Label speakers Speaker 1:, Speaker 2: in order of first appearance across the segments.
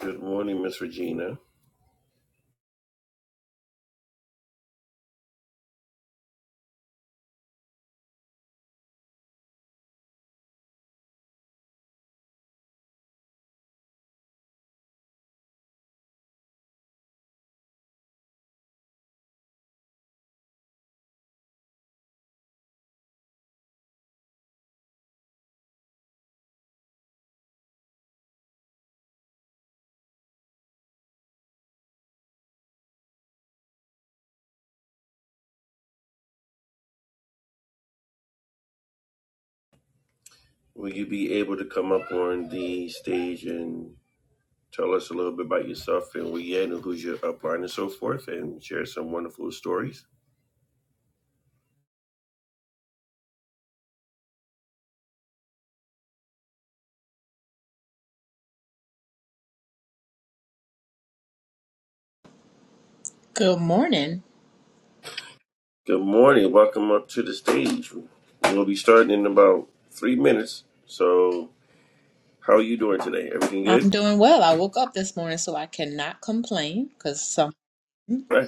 Speaker 1: Good morning, Miss Regina. Will you be able to come up on the stage and tell us a little bit about yourself and where you're at and who's your upline and so forth and share some wonderful stories?
Speaker 2: Good morning.
Speaker 1: Good morning. Welcome up to the stage. We'll be starting in about three minutes. So, how are you doing today? Everything
Speaker 2: I'm
Speaker 1: good?
Speaker 2: doing well. I woke up this morning, so I cannot complain because some
Speaker 1: Right.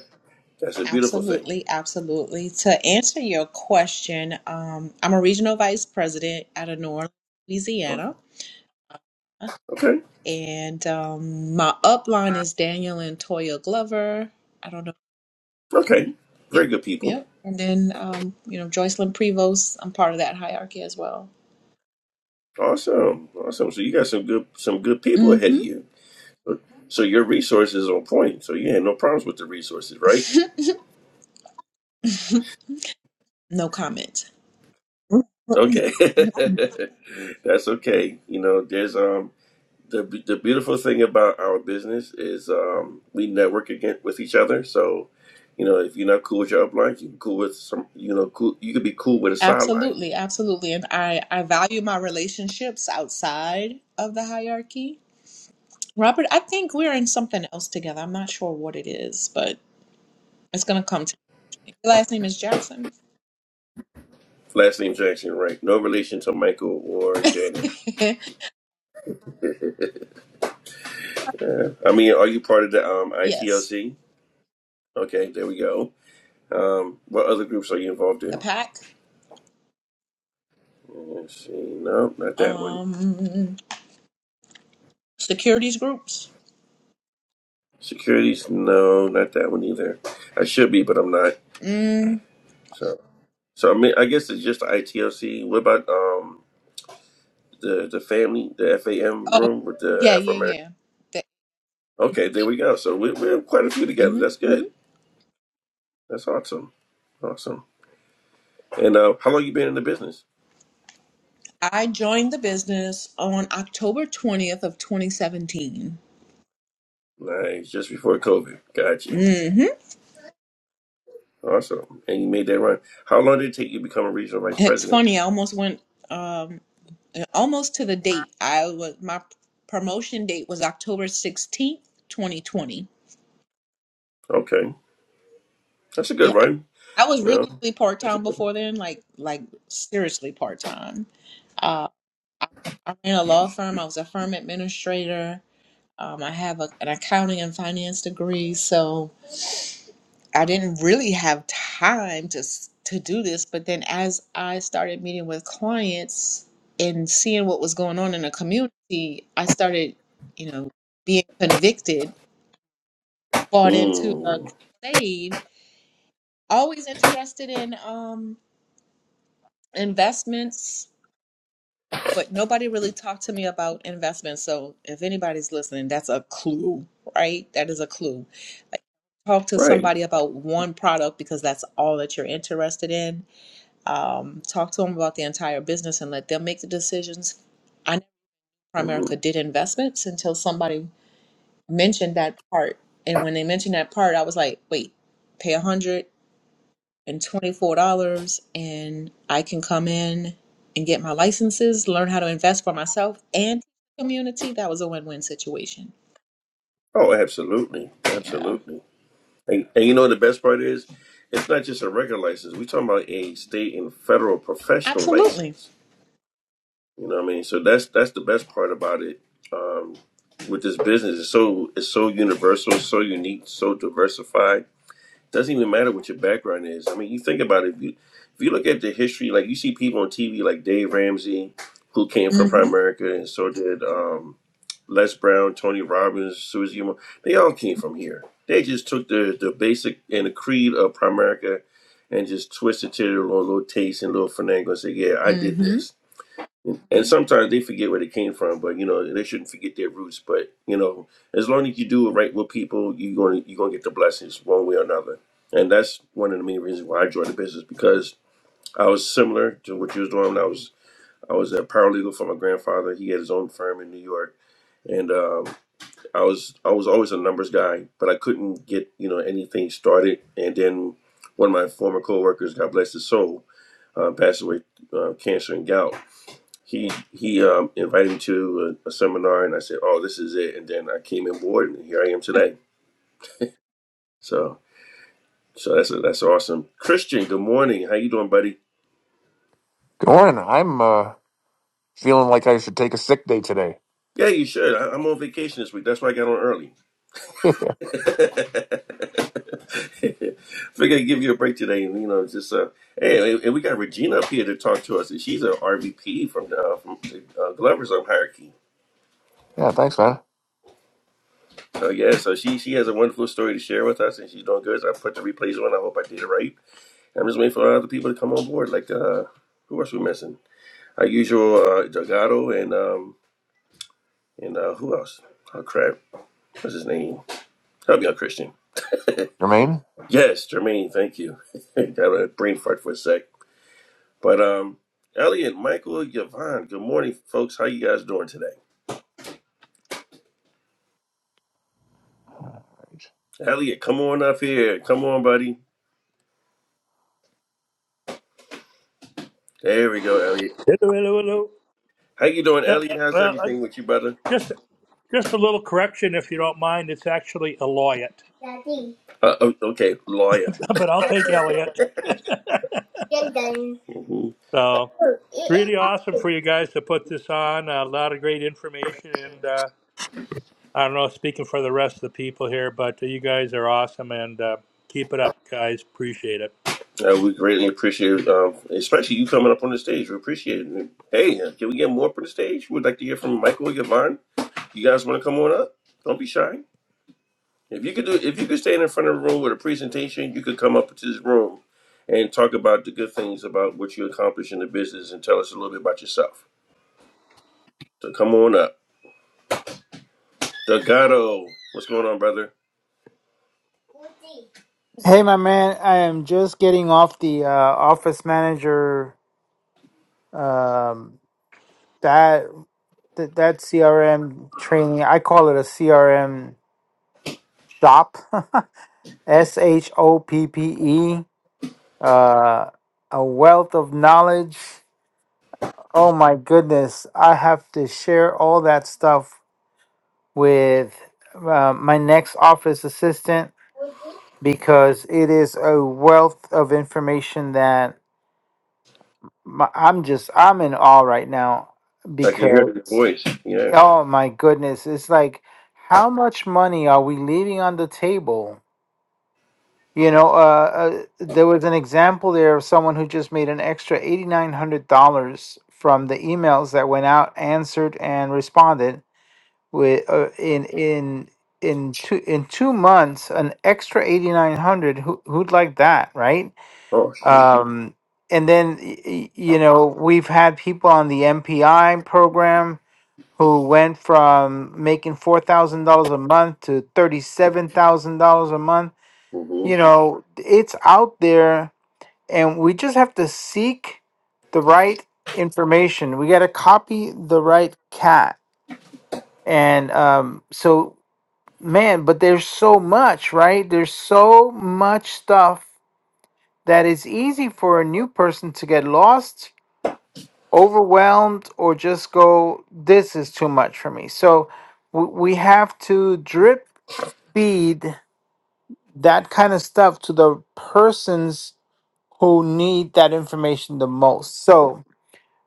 Speaker 1: That's a beautiful thing.
Speaker 2: absolutely, absolutely. To answer your question, um, I'm a regional vice president out of New Orleans, Louisiana,
Speaker 1: Okay.
Speaker 2: and um, my upline is Daniel and Toya Glover. I don't know.
Speaker 1: Okay. Very
Speaker 2: Yep,
Speaker 1: good people.
Speaker 2: yep. And then, um, you know, Joycelyn Prevost. I'm part of that hierarchy as well.
Speaker 1: Awesome. Awesome. So you got some good some good people ahead of
Speaker 2: Mm-hmm.
Speaker 1: you. So your resources are on point. So you had no problems with the resources, right?
Speaker 2: No comment.
Speaker 1: Okay, that's okay. You know, there's um the the beautiful thing about our business is um we network again with each other. So you know, if you're not cool with your upline, you can cool with some. You know, cool. You could be cool with a sideline.
Speaker 2: Absolutely, absolutely. And I, I value my relationships outside of the hierarchy. Robert, I think we're in something else together. I'm not sure what it is, but it's gonna come to me. Your last name is Jackson.
Speaker 1: Last name Jackson, right? No relation to Michael or Janet. I mean, are you part of the um
Speaker 2: yes.
Speaker 1: ITLC? Okay, there we go. Um, what other groups are you involved
Speaker 2: The
Speaker 1: in?
Speaker 2: pack.
Speaker 1: Let's see. No, not that one.
Speaker 2: Um securities groups.
Speaker 1: Securities, no, not that one either. I should be, but I'm not.
Speaker 2: Mm.
Speaker 1: So, so I mean, I guess it's just the ITLC. What about um the the family, the FAM
Speaker 2: Oh
Speaker 1: room with the
Speaker 2: yeah, yeah,
Speaker 1: Afro American?
Speaker 2: yeah. The,
Speaker 1: Okay, there we go. So we we have quite a few together.
Speaker 2: hmm
Speaker 1: That's
Speaker 2: hmm
Speaker 1: good. That's awesome. Awesome. And uh, how long you been in the business?
Speaker 2: I joined the business on October 20th of 2017.
Speaker 1: Nice, just before COVID. Gotcha.
Speaker 2: hmm
Speaker 1: Awesome. And you made that run. How long did it take you to become a regional vice
Speaker 2: It's
Speaker 1: president?
Speaker 2: funny, I almost went um, and almost to the date. I was my promotion date was October sixteenth, twenty twenty.
Speaker 1: Okay, that's a good
Speaker 2: Yeah, I
Speaker 1: run.
Speaker 2: I was
Speaker 1: You
Speaker 2: really
Speaker 1: know,
Speaker 2: really part
Speaker 1: that's a
Speaker 2: time
Speaker 1: good.
Speaker 2: before then, like like seriously part time. Uh, I, I ran a law firm. I was a firm administrator. Um, I have a, an accounting and finance degree, so I didn't really have time to s- to do this, but then as I started meeting with clients and seeing what was going on in the community, I started, you know, being convicted, bought into a
Speaker 1: Mm,
Speaker 2: crusade. Always interested in um, investments, but nobody really talked to me about investments. So if anybody's listening, that's a clue, right? That is a clue. Like, talk to
Speaker 1: right.
Speaker 2: somebody about one product because that's all that you're interested in um, talk to them about the entire business and let them make the decisions. I know
Speaker 1: Mhm.
Speaker 2: Primerica did investments until somebody mentioned that part. And when they mentioned that part, I was like, wait, pay $124 and twenty-four dollars and I can come in and get my licenses, learn how to invest for myself and community. That was a win win situation.
Speaker 1: Oh, absolutely,
Speaker 2: Yeah,
Speaker 1: absolutely. And, and you know the best part is, it's not just a regular license. We're talking about a state and federal professional
Speaker 2: absolutely.
Speaker 1: license. You know what I mean? So that's that's the best part about it. Um, with this business, it's so it's so universal, so unique, so diversified. Doesn't even matter what your background is. I mean, you think about it. If you if you look at the history, like you see people on TV like Dave Ramsey, who came from
Speaker 2: Mm
Speaker 1: Prime
Speaker 2: hmm.
Speaker 1: America, and so did. Um, Les Brown, Tony Robbins, Susie Mo, they all came from here. They just took the, the basic and the creed of Primerica and just twisted to their little, little taste and little finagle and say, yeah, I
Speaker 2: Mm
Speaker 1: did
Speaker 2: hmm.
Speaker 1: this. And sometimes they forget where they came from, but you know they shouldn't forget their roots. But you know, as long as you do it right with people, you're gonna you're gonna get the blessings one way or another. And that's one of the main reasons why I joined the business because I was similar to what you was doing. When I was I was a paralegal for my grandfather. He had his own firm in New York, and um, I was I was always a numbers guy, but I couldn't get you know anything started. And then one of my former coworkers, God bless his soul, uh, passed away uh, cancer and gout. He he um, invited me to a, a seminar, and I said, "Oh, this is it." And then I came on board, and here I am today. So so that's that's awesome. Christian, good morning. How you doing, buddy?
Speaker 3: Good morning. I'm uh, feeling like I should take a sick day today.
Speaker 1: Yeah, you should. I, I'm on vacation this week. That's why I got on early.
Speaker 3: yeah,
Speaker 1: Figure I'd give you a break today, and you know, just uh, hey, and we got Regina up here to talk to us, and she's a RVP from the uh, from the uh, Glover's own hierarchy.
Speaker 3: thanks, man.
Speaker 1: So yeah, so she she has a wonderful story to share with us, and she's doing good. So I put the replays on. I hope I did it right. I'm just waiting for other people to come on board. Like uh, who else we missing? Our usual uh, Delgado and um and uh, who else? Oh crap, what's his name? Help me out, Christian.
Speaker 3: Jermaine,
Speaker 1: Yes, Jermaine. Thank you. Got a brain fart for a sec. But um, Elliot, Michael, Yvonne, good morning, folks. How you guys doing today? Elliot, come on up here. Come on, buddy. There we go, Elliot.
Speaker 4: Hello, hello, hello.
Speaker 1: How you doing,
Speaker 4: Uh,
Speaker 1: Elliot? How's
Speaker 4: well, I,
Speaker 1: everything with you, brother?
Speaker 4: just just a little correction, if you don't mind. It's actually Elliot,
Speaker 1: Daddy. Uh, oh, okay, lawyer.
Speaker 4: but I'll take Elliot.
Speaker 1: Mm-hmm.
Speaker 4: So it's really awesome for you guys to put this on. uh, A lot of great information, and uh, I don't know, speaking for the rest of the people here, but you guys are awesome, and uh, keep it up, guys. Appreciate it.
Speaker 1: Uh, we greatly appreciate, um, especially you coming up on the stage. We appreciate it. Hey, uh, can we get more up on the stage? We'd like to hear from Michael, Yvonne. You guys want to come on up? Don't be shy. If you could do, if you could stand in front of a room with a presentation, you could come up to this room and talk about the good things about what you accomplished in the business and tell us a little bit about yourself. So come on up, Delgado. What's going on, brother?
Speaker 5: Hey, my man, I am just getting off the uh, office manager um, that, that that CRM training. I call it a CRM shop. S H O P P E. Uh, a wealth of knowledge. Oh my goodness, I have to share all that stuff with uh, my next office assistant because it is a wealth of information that. my, I'm just I'm in awe right now
Speaker 1: I can hear your
Speaker 5: because
Speaker 1: voice. Yeah.
Speaker 5: oh my goodness, it's like how much money are we leaving on the table? You know, uh, uh, there was an example there of someone who just made an extra eighty nine hundred dollars from the emails that went out, answered and responded with uh, in in in two in two months an extra eighty nine hundred. Who who'd like that, right?
Speaker 1: Oh shoot.
Speaker 5: Um, and then, y- y- you know, we've had people on the MPI program who went from making $4,000 a month to $37,000 a month.
Speaker 1: Mm-hmm.
Speaker 5: You know, it's out there, and we just have to seek the right information. We got to copy the right cat. And um, so, man, but there's so much, right? There's so much stuff that it's easy for a new person to get lost overwhelmed or just go this is too much for me so w- we have to drip feed that kind of stuff to the persons who need that information the most so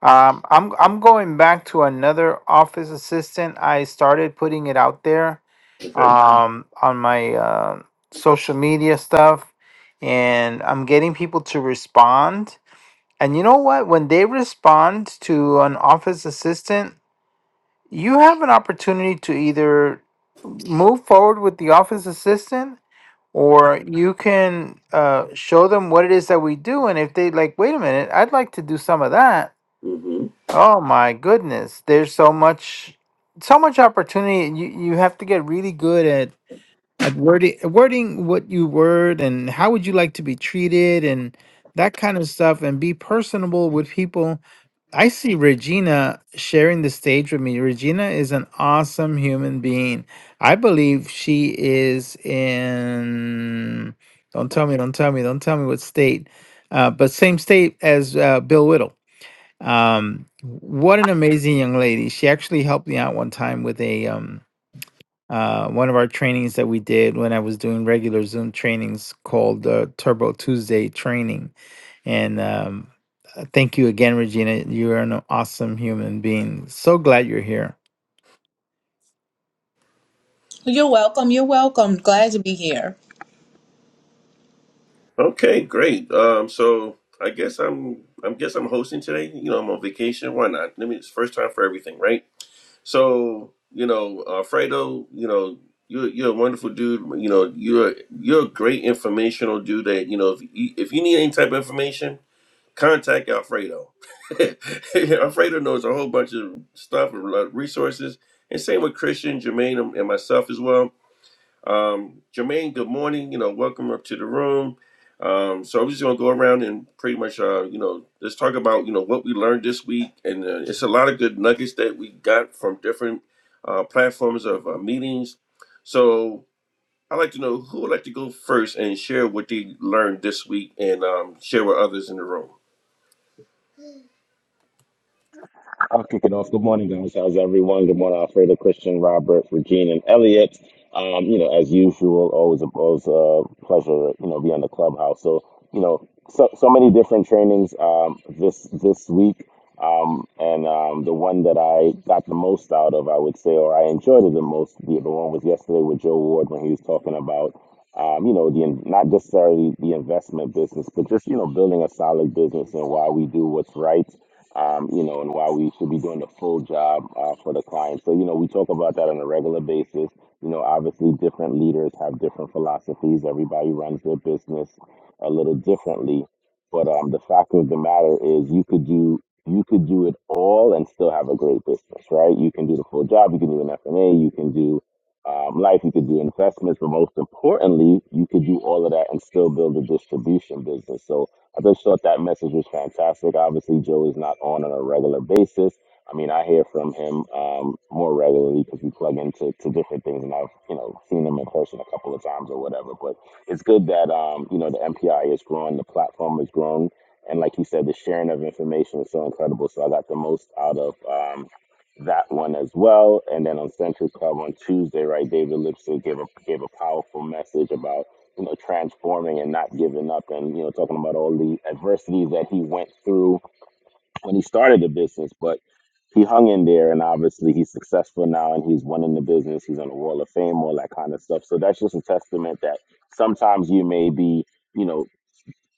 Speaker 5: um, I'm, I'm going back to another office assistant i started putting it out there
Speaker 1: Okay.
Speaker 5: um, on my uh, social media stuff and i'm getting people to respond and you know what when they respond to an office assistant you have an opportunity to either move forward with the office assistant or you can uh, show them what it is that we do and if they like wait a minute i'd like to do some of that
Speaker 1: Mm-hmm.
Speaker 5: oh my goodness there's so much so much opportunity and you, you have to get really good at at wording wording what you word and how would you like to be treated and that kind of stuff and be personable with people I see Regina sharing the stage with me. Regina is an awesome human being. I believe she is in, don't tell me, don't tell me, don't tell me what state, uh, but same state as uh, Bill Whittle. Um, what an amazing young lady. She actually helped me out one time with a, um, uh, one of our trainings that we did when I was doing regular Zoom trainings called uh, Turbo Tuesday training and um, uh, thank you again, Regina. You are an awesome human being. So glad you're here.
Speaker 2: You're welcome. You're welcome. Glad to be here.
Speaker 1: Okay. Great. Um. So I guess I'm. I guess I'm hosting today. You know, I'm on vacation. Why not? Let me. It's first time for everything, right? So you know, Alfredo, you know, you're you're a wonderful dude. You know, you're you're a great informational dude. That you know, if you, if you need any type of information, contact Alfredo. Alfredo knows a whole bunch of stuff and resources. And same with Christian, Jermaine, and and myself as well um, Jermaine, good morning. You know, welcome up to the room. Um, so I'm just gonna go around and pretty much, uh, you know, let's talk about you know what we learned this week, and uh, it's a lot of good nuggets that we got from different uh, platforms of uh, meetings. So I'd like to know who would like to go first and share what they learned this week, and um, share with others in the room.
Speaker 6: I'll kick it off. Good morning, guys. How's everyone? Good morning, Alfredo, Christian, Robert, Regine, and Elliot. Um, you know, as usual, always a always a pleasure, you know, be on the clubhouse. So, you know, so so many different trainings um, this this week, um, and um, the one that I got the most out of, I would say, or I enjoyed it the most, the, the one was yesterday with Joe Ward when he was talking about, um, you know, the in- not necessarily the investment business, but just you know, building a solid business and why we do what's right um, you know, and why we should be doing the full job uh, for the client. So, you know, we talk about that on a regular basis. You know, obviously, different leaders have different philosophies. Everybody runs their business a little differently, but um, the fact of the matter is, you could do you could do it all and still have a great business, right? You can do the full job. You can do an F and A. You can do um, life. You could do investments, but most importantly, you could do all of that and still build a distribution business. So I just thought that message was fantastic. Obviously, Joe is not on on a regular basis. I mean, I hear from him um, more regularly because we plug into to different things, and I've you know seen him in person a couple of times or whatever. But it's good that um, you know the MPI is growing, the platform is growing, and like you said, the sharing of information is so incredible. So I got the most out of um, that one as well. And then on Century Club on Tuesday, right, David Lipsy gave a gave a powerful message about you know, transforming and not giving up and, you know, talking about all the adversity that he went through when he started the business, but he hung in there and obviously he's successful now and he's winning the business. He's on the wall of fame, all that kind of stuff. So that's just a testament that sometimes you may be, you know,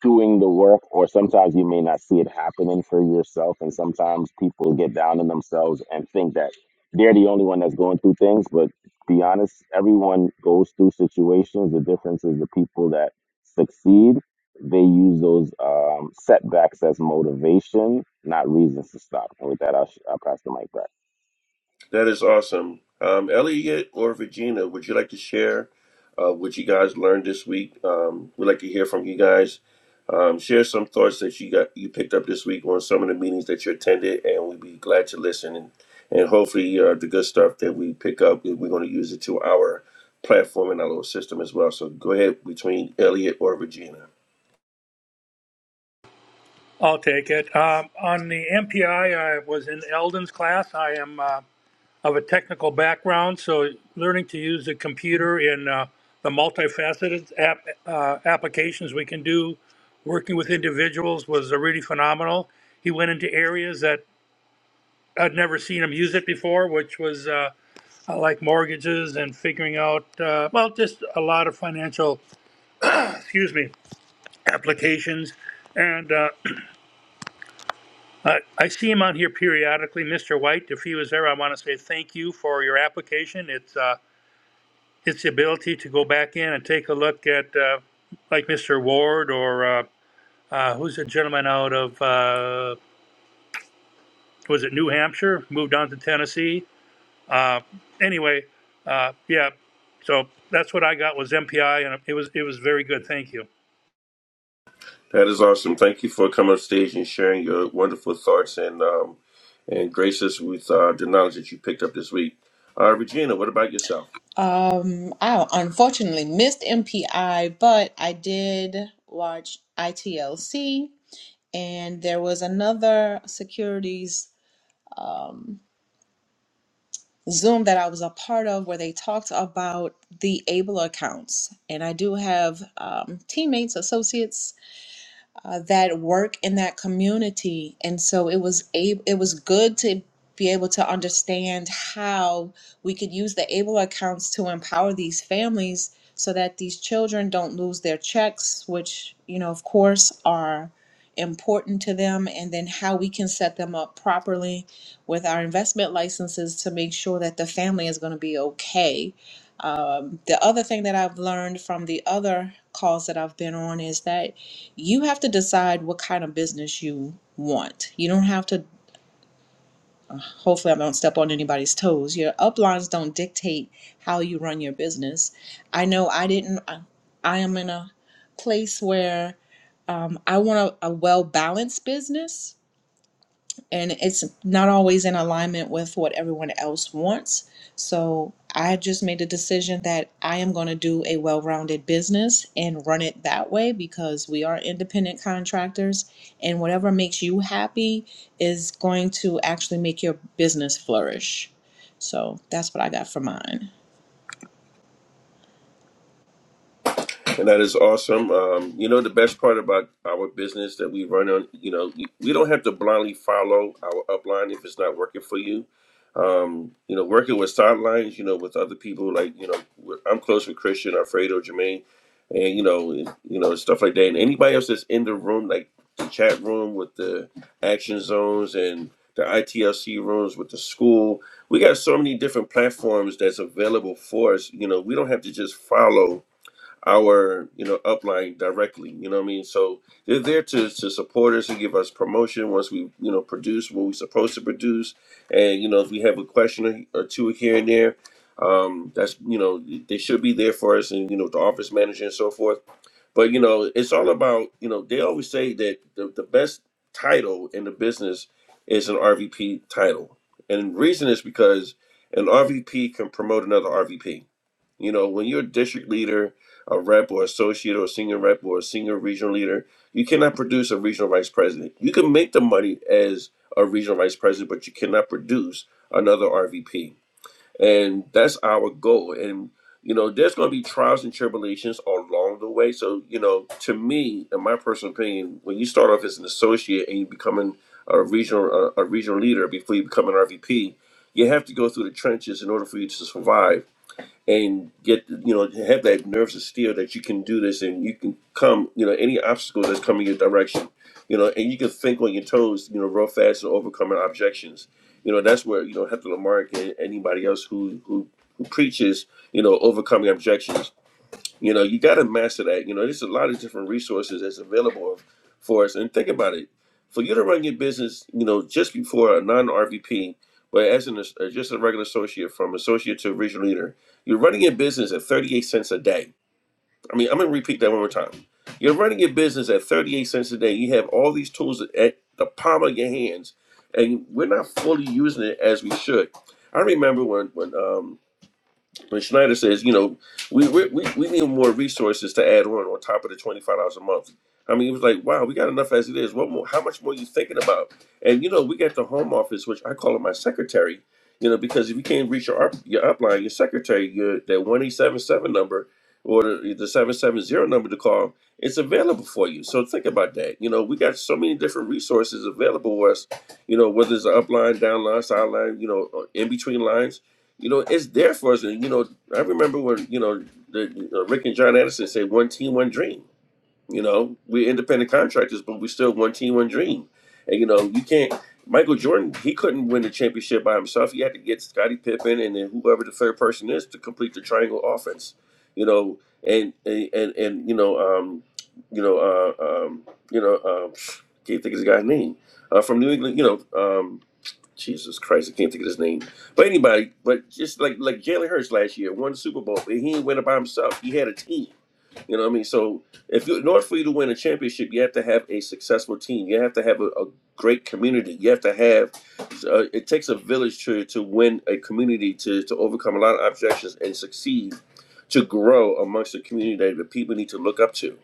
Speaker 6: doing the work or sometimes you may not see it happening for yourself and sometimes people get down on themselves and think that they're the only one that's going through things but be honest everyone goes through situations the difference is the people that succeed they use those um, setbacks as motivation not reasons to stop and with that i'll, sh- I'll pass the mic
Speaker 1: That is awesome. Um, Elliot or Virginia, would you like to share uh, what you guys learned this week? Um, we'd like to hear from you guys. Um, share some thoughts that you got you picked up this week on some of the meetings that you attended, and we'd be glad to listen. And, and hopefully, uh, the good stuff that we pick up, we- we're going to use it to our platform and our little system as well. So go ahead between Elliot or Virginia.
Speaker 4: I'll take it. Um, on the MPI, I I was in Eldon's class. I am. Uh, of a technical background, so learning to use the computer in uh, the multifaceted app, uh, applications we can do, working with individuals was uh, really phenomenal. He went into areas that I'd never seen him use it before, which was uh, like mortgages and figuring out, uh, well, just a lot of financial, excuse me, applications. And uh, I, I see him on here periodically, Mr. White. If he was there, I want to say thank you for your application. It's uh, it's the ability to go back in and take a look at, uh, like Mr. Ward or uh, uh, who's a gentleman out of, uh, was it New Hampshire, moved on to Tennessee. Uh, anyway, uh, yeah, so that's what I got was MPI, and it was it was very good. Thank you.
Speaker 1: That is awesome. Thank you for coming on stage and sharing your wonderful thoughts and um, and graces with uh, the knowledge that you picked up this week. Uh, Regina, what about yourself?
Speaker 2: Um, I unfortunately missed MPI, but I did watch ITLC, and there was another securities Zoom that I was a part of where they talked about the ABLE accounts. And I do have um, teammates, associates uh, that work in that community and so it was a it was good to be able to understand how we could use the able accounts to empower these families so that these children don't lose their checks which you know of course are important to them and then how we can set them up properly with our investment licenses to make sure that the family is going to be okay um, the other thing that i've learned from the other calls that i've been on is that you have to decide what kind of business you want. You don't have to, hopefully, I don't step on anybody's toes. Your uplines don't dictate how you run your business. I know I didn't, I, I am in a place where um, I want a, a well balanced business and it's not always in alignment with what everyone else wants. So I just made a decision that I am going to do a well rounded business and run it that way because we are independent contractors, and whatever makes you happy is going to actually make your business flourish. So that's what I got for mine.
Speaker 1: And that is awesome. Um, you know, the best part about our business that we run on, you know, we we don't have to blindly follow our upline if it's not working for you. Um, you know, working with sidelines, you know, with other people, like, you know, we're- I'm close with Christian, Alfredo, Jermaine, and, you know, and, you know, stuff like that. And anybody else that's in the room, like the chat room with the action zones and the ITLC rooms with the school, we got so many different platforms that's available for us. You know, we don't have to just follow our you know upline directly you know what i mean so they're there to, to support us and give us promotion once we you know produce what we're supposed to produce and you know if we have a question or or two here and there um that's you know they should be there for us and you know the office manager and so forth but you know it's all about you know they always say that the, the best title in the business is an rvp title and the reason is because an rvp can promote another rvp you know, when you're a district leader, a rep or associate or senior rep or a senior regional leader, you cannot produce a regional vice president. You can make the money as a regional vice president, but you cannot produce another RVP. And that's our goal. And, you know, there's going to be trials and tribulations along the way. So, you know, to me, in my personal opinion, when you start off as an associate and you becoming a regional, a, a regional leader before you become an RVP, you have to go through the trenches in order for you to survive and get you know have that nerves of steel that you can do this and you can come you know any obstacle that's coming your direction you know and you can think on your toes you know real fast and overcoming objections you know that's where you know Hector Lamarck and anybody else who who who preaches you know overcoming objections you know, you got to master that. You know, there's a lot of different resources that's available for us. And think about it: for you to run your business, you know, just before a non-RVP, but as an as just a regular associate, from associate to regional leader, you're running your business at 38 cents a day. I mean, I'm gonna repeat that one more time. You're running your business at 38 cents a day. You have all these tools at the palm of your hands, and we're not fully using it as we should. I remember when when um, and Schneider says, you know, we we, we we need more resources to add on on top of the twenty five dollars a month. I mean, it was like, wow, we got enough as it is. What more? How much more you thinking about? And you know, we got the home office, which I call it my secretary. You know, because if you can't reach your up, your upline, your secretary, your that one eight seven seven number or the, the seven seven zero number to call, it's available for you. So think about that. You know, we got so many different resources available to us. You know, whether it's an upline, downline, sideline, you know, in between lines you know, it's there for us. And you know, I remember when you know the uh, Rick and John Anderson said, "One team, one dream." You know, we're independent contractors, but we still one team, one dream. And you know, you can't. Michael Jordan, he couldn't win the championship by himself. He had to get Scottie Pippen and then whoever the third person is to complete the triangle offense. You know, and and and, and you know, um, you know, uh, um, you know, um, can't think of the guy's name uh, from New England. You know, um, Jesus Christ, I can't think of his name. But anybody, but just like like Jalen Hurts last year won the Super Bowl, but he ain't win it by himself. He had a team. You know what I mean? So if you in order for you to win a championship, you have to have a successful team. You have to have a, a great community. You have to have. Uh, it takes a village to to win a community to to overcome a lot of objections and succeed, to grow amongst the community that the people need to look up to.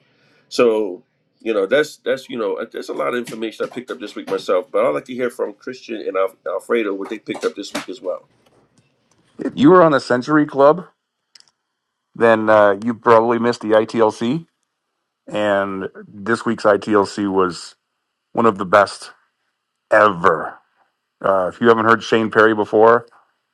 Speaker 1: So, you know, that's that's you know, there's a lot of information I picked up this week myself, but I'd like to hear from Christian and Al- Alfredo what they picked up this week as well.
Speaker 3: if you were on the Century Club, then uh, you probably missed the ITLC, and this week's ITLC was one of the best ever. Uh, if you haven't heard Shane Perry before,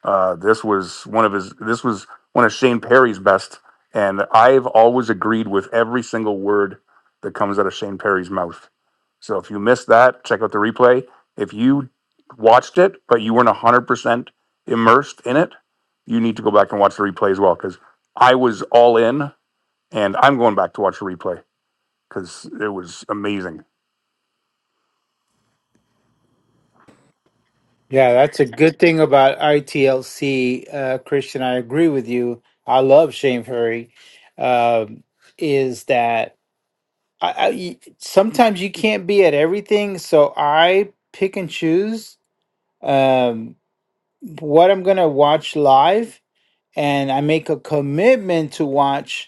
Speaker 3: uh, this was one of his. This was one of Shane Perry's best, and I've always agreed with every single word that comes out of Shane Perry's mouth. So if you missed that, check out the replay. If you watched it but you weren't hundred percent immersed in it, you need to go back and watch the replay as well because I was all in, and I'm going back to watch the replay because it was amazing.
Speaker 5: Yeah, that's a good thing about ITLC, uh, Christian. I agree with you. I love Shane Furry. Um, is that I, I y sometimes you can't be at everything, so I pick and choose um, what I'm gonna watch live, and I make a commitment to watch.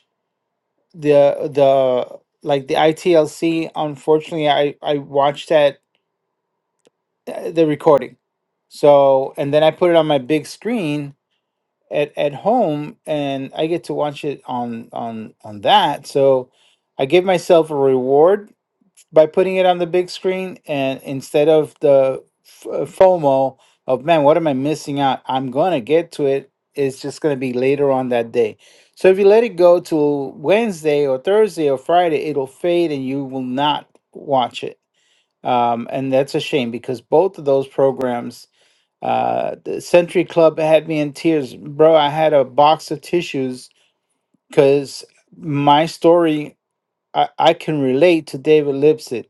Speaker 5: the the like the ITLC unfortunately I I watched that uh, the recording. So and then I put it on my big screen at at home and I get to watch it on on on that. So I give myself a reward by putting it on the big screen and instead of the f- uh, FOMO of man, what am I missing out? I'm gonna get to it. It's just gonna be later on that day. So if you let it go to Wednesday or Thursday or Friday, it'll fade and you will not watch it. Um, and that's a shame because both of those programs, uh, the Century Club had me in tears, bro. I had a box of tissues because my story, I, I can relate to David Lipsett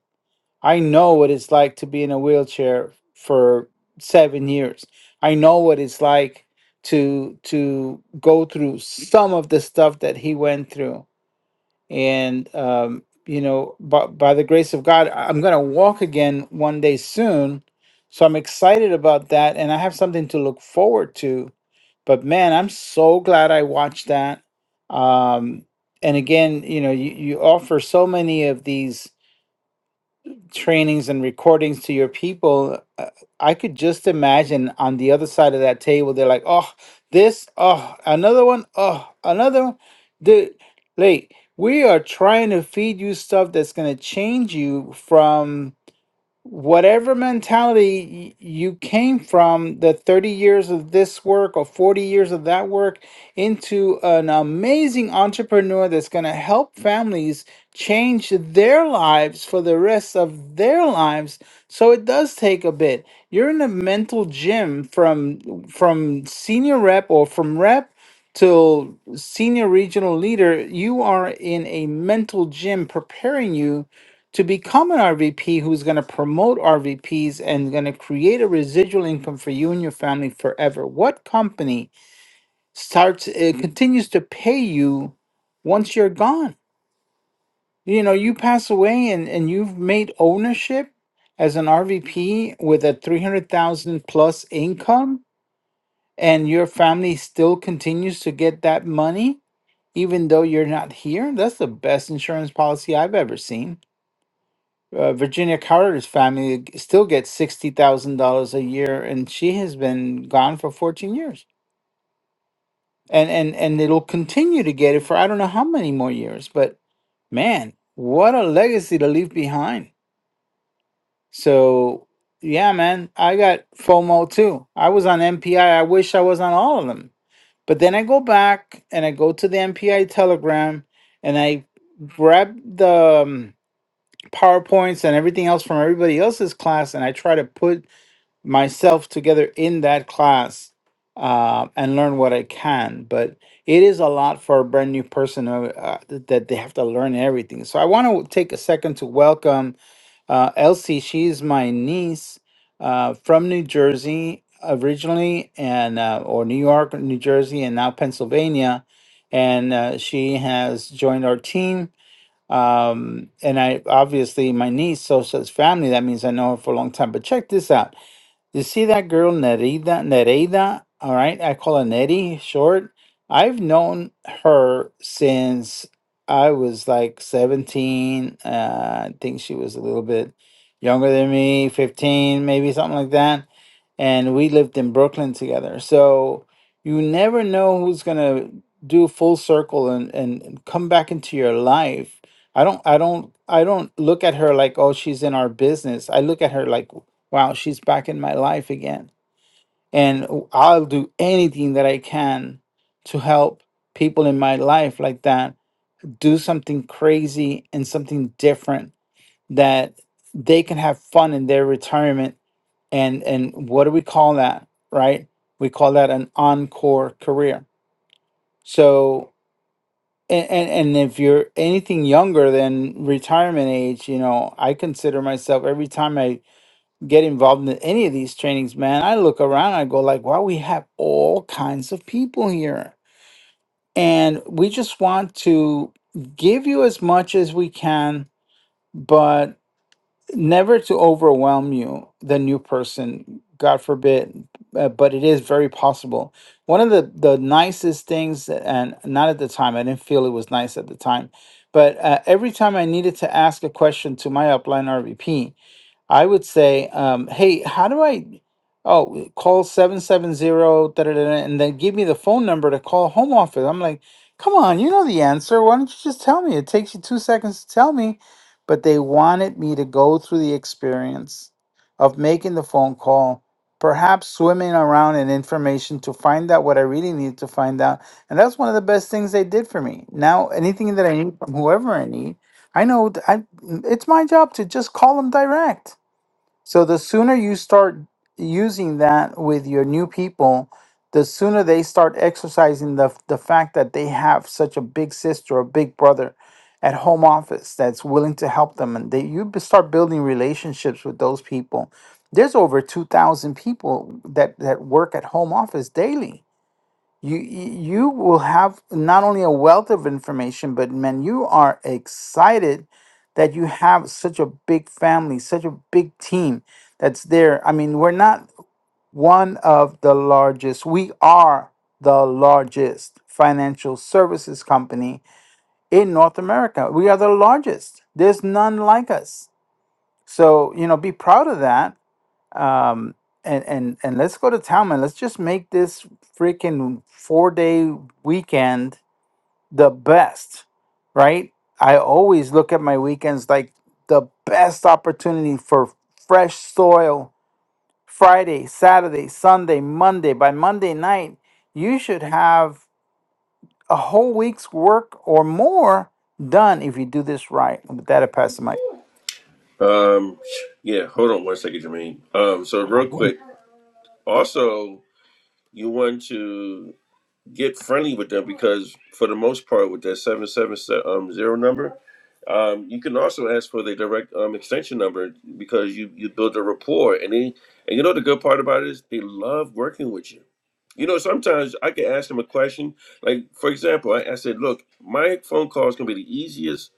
Speaker 5: I know what it's like to be in a wheelchair for seven years. I know what it's like to to go through some of the stuff that he went through, and um, you know, by, by the grace of God, I- I'm gonna walk again one day soon. So I'm excited about that, and I have something to look forward to. But man, I'm so glad I watched that. Um, and again, you know, you, you offer so many of these trainings and recordings to your people, uh, I could just imagine on the other side of that table, they're like, oh, this, oh, another one, oh, another one. Dude, like, we are trying to feed you stuff that's going to change you from whatever mentality y- you came from the 30 years of this work or 40 years of that work into an amazing entrepreneur that's going to help families change their lives for the rest of their lives so it does take a bit you're in a mental gym from from senior rep or from rep till senior regional leader you are in a mental gym preparing you to become an RVP who's going to promote RVPs and going to create a residual income for you and your family forever? What company starts uh, continues to pay you once you're gone? You know, you pass away and, and you've made ownership as an RVP with a 300,000 plus income and your family still continues to get that money even though you're not here. That's the best insurance policy I've ever seen. uh, Virginia Carter's family still gets sixty thousand dollars a year, and she has been gone for fourteen years, and and and it'll continue to get it for I don't know how many more years. But man, what a legacy to leave behind! So yeah, man, I got FOMO too. I was on MPI. I I wish I was on all of them, but then I go back and I go to the MPI Telegram, and I grab the um, PowerPoints and everything else from everybody else's class, and I try to put myself together in that class uh, and learn what I can. But it is a lot for a brand new person who, uh, th- that they have to learn everything. So I want to take a second to welcome uh, Elsie. She's my niece uh, from New Jersey originally, and uh, or New York, New Jersey, and now Pennsylvania. And uh, she has joined our team. Um, and I obviously my niece, so says family. That means I know her for a long time. But check this out. You see that girl Nereida, Nereida, all right? I call her Neri short. I've known her since I was like 17. Uh, I think she was a little bit younger than me, 15, maybe something like that and we lived in Brooklyn together. So you never know who's gonna do full circle and, and and come back into your life. I don't I don't I don't look at her like oh she's in our business. I look at her like wow she's back in my life again, and w- I'll do anything that I can to help people in my life like that do something crazy and something different that they can have fun in their retirement and and what do we call that right we call that an encore career so and, and and if you're anything younger than retirement age you know i consider myself every time i get involved in any of these trainings man i look around i go like wow we have all kinds of people here and we just want to give you as much as we can But. never to overwhelm you, the new person, God forbid, uh, but it is very possible. One of the, the nicest things, and not at the time, I didn't feel it was nice at the time, but uh, every time I needed to ask a question to my upline RVP, I would say, um, hey, how do I? Oh, call 770 da, da, da, da, and then give me the phone number to call home office. I'm like, come on, you know the answer. Why don't you just tell me? It takes you two seconds to tell me. But they wanted me to go through the experience of making the phone call, perhaps swimming around in information to find out what I really need to find out. And that's one of the best things they did for me. Now, anything that I need from whoever I need, I know th- I, it's my job to just call them direct so the sooner you start using that with your new people, the sooner they start exercising the the fact that they have such a big sister or big brother at home office that's willing to help them, and they you b- start building relationships with those people. There's over two thousand people that that work at home office daily you you will have not only a wealth of information, but man, you are excited that you have such a big family, such a big team that's there. I mean, we're not one of the largest. We are the largest financial services company in North America. We are the largest. There's none like us. So, you know, be proud of that um and and and let's go to town man let's just make this freaking four day weekend the best right i always look at my weekends like the best opportunity for fresh soil friday saturday sunday monday by monday night you should have a whole week's work or more done if you do this right with that i pass the mic
Speaker 1: Um, yeah, hold on one second, Jermaine. Um, so real
Speaker 6: back
Speaker 1: quick, also you want to? get friendly with them because for the most part with that 770 um, zero number um, you can also ask for the direct um, extension number because you, you build a rapport and they and you know the good part about it is they love working with you you know sometimes i can ask them a question like for example i, I said look my phone call is going to be the easiest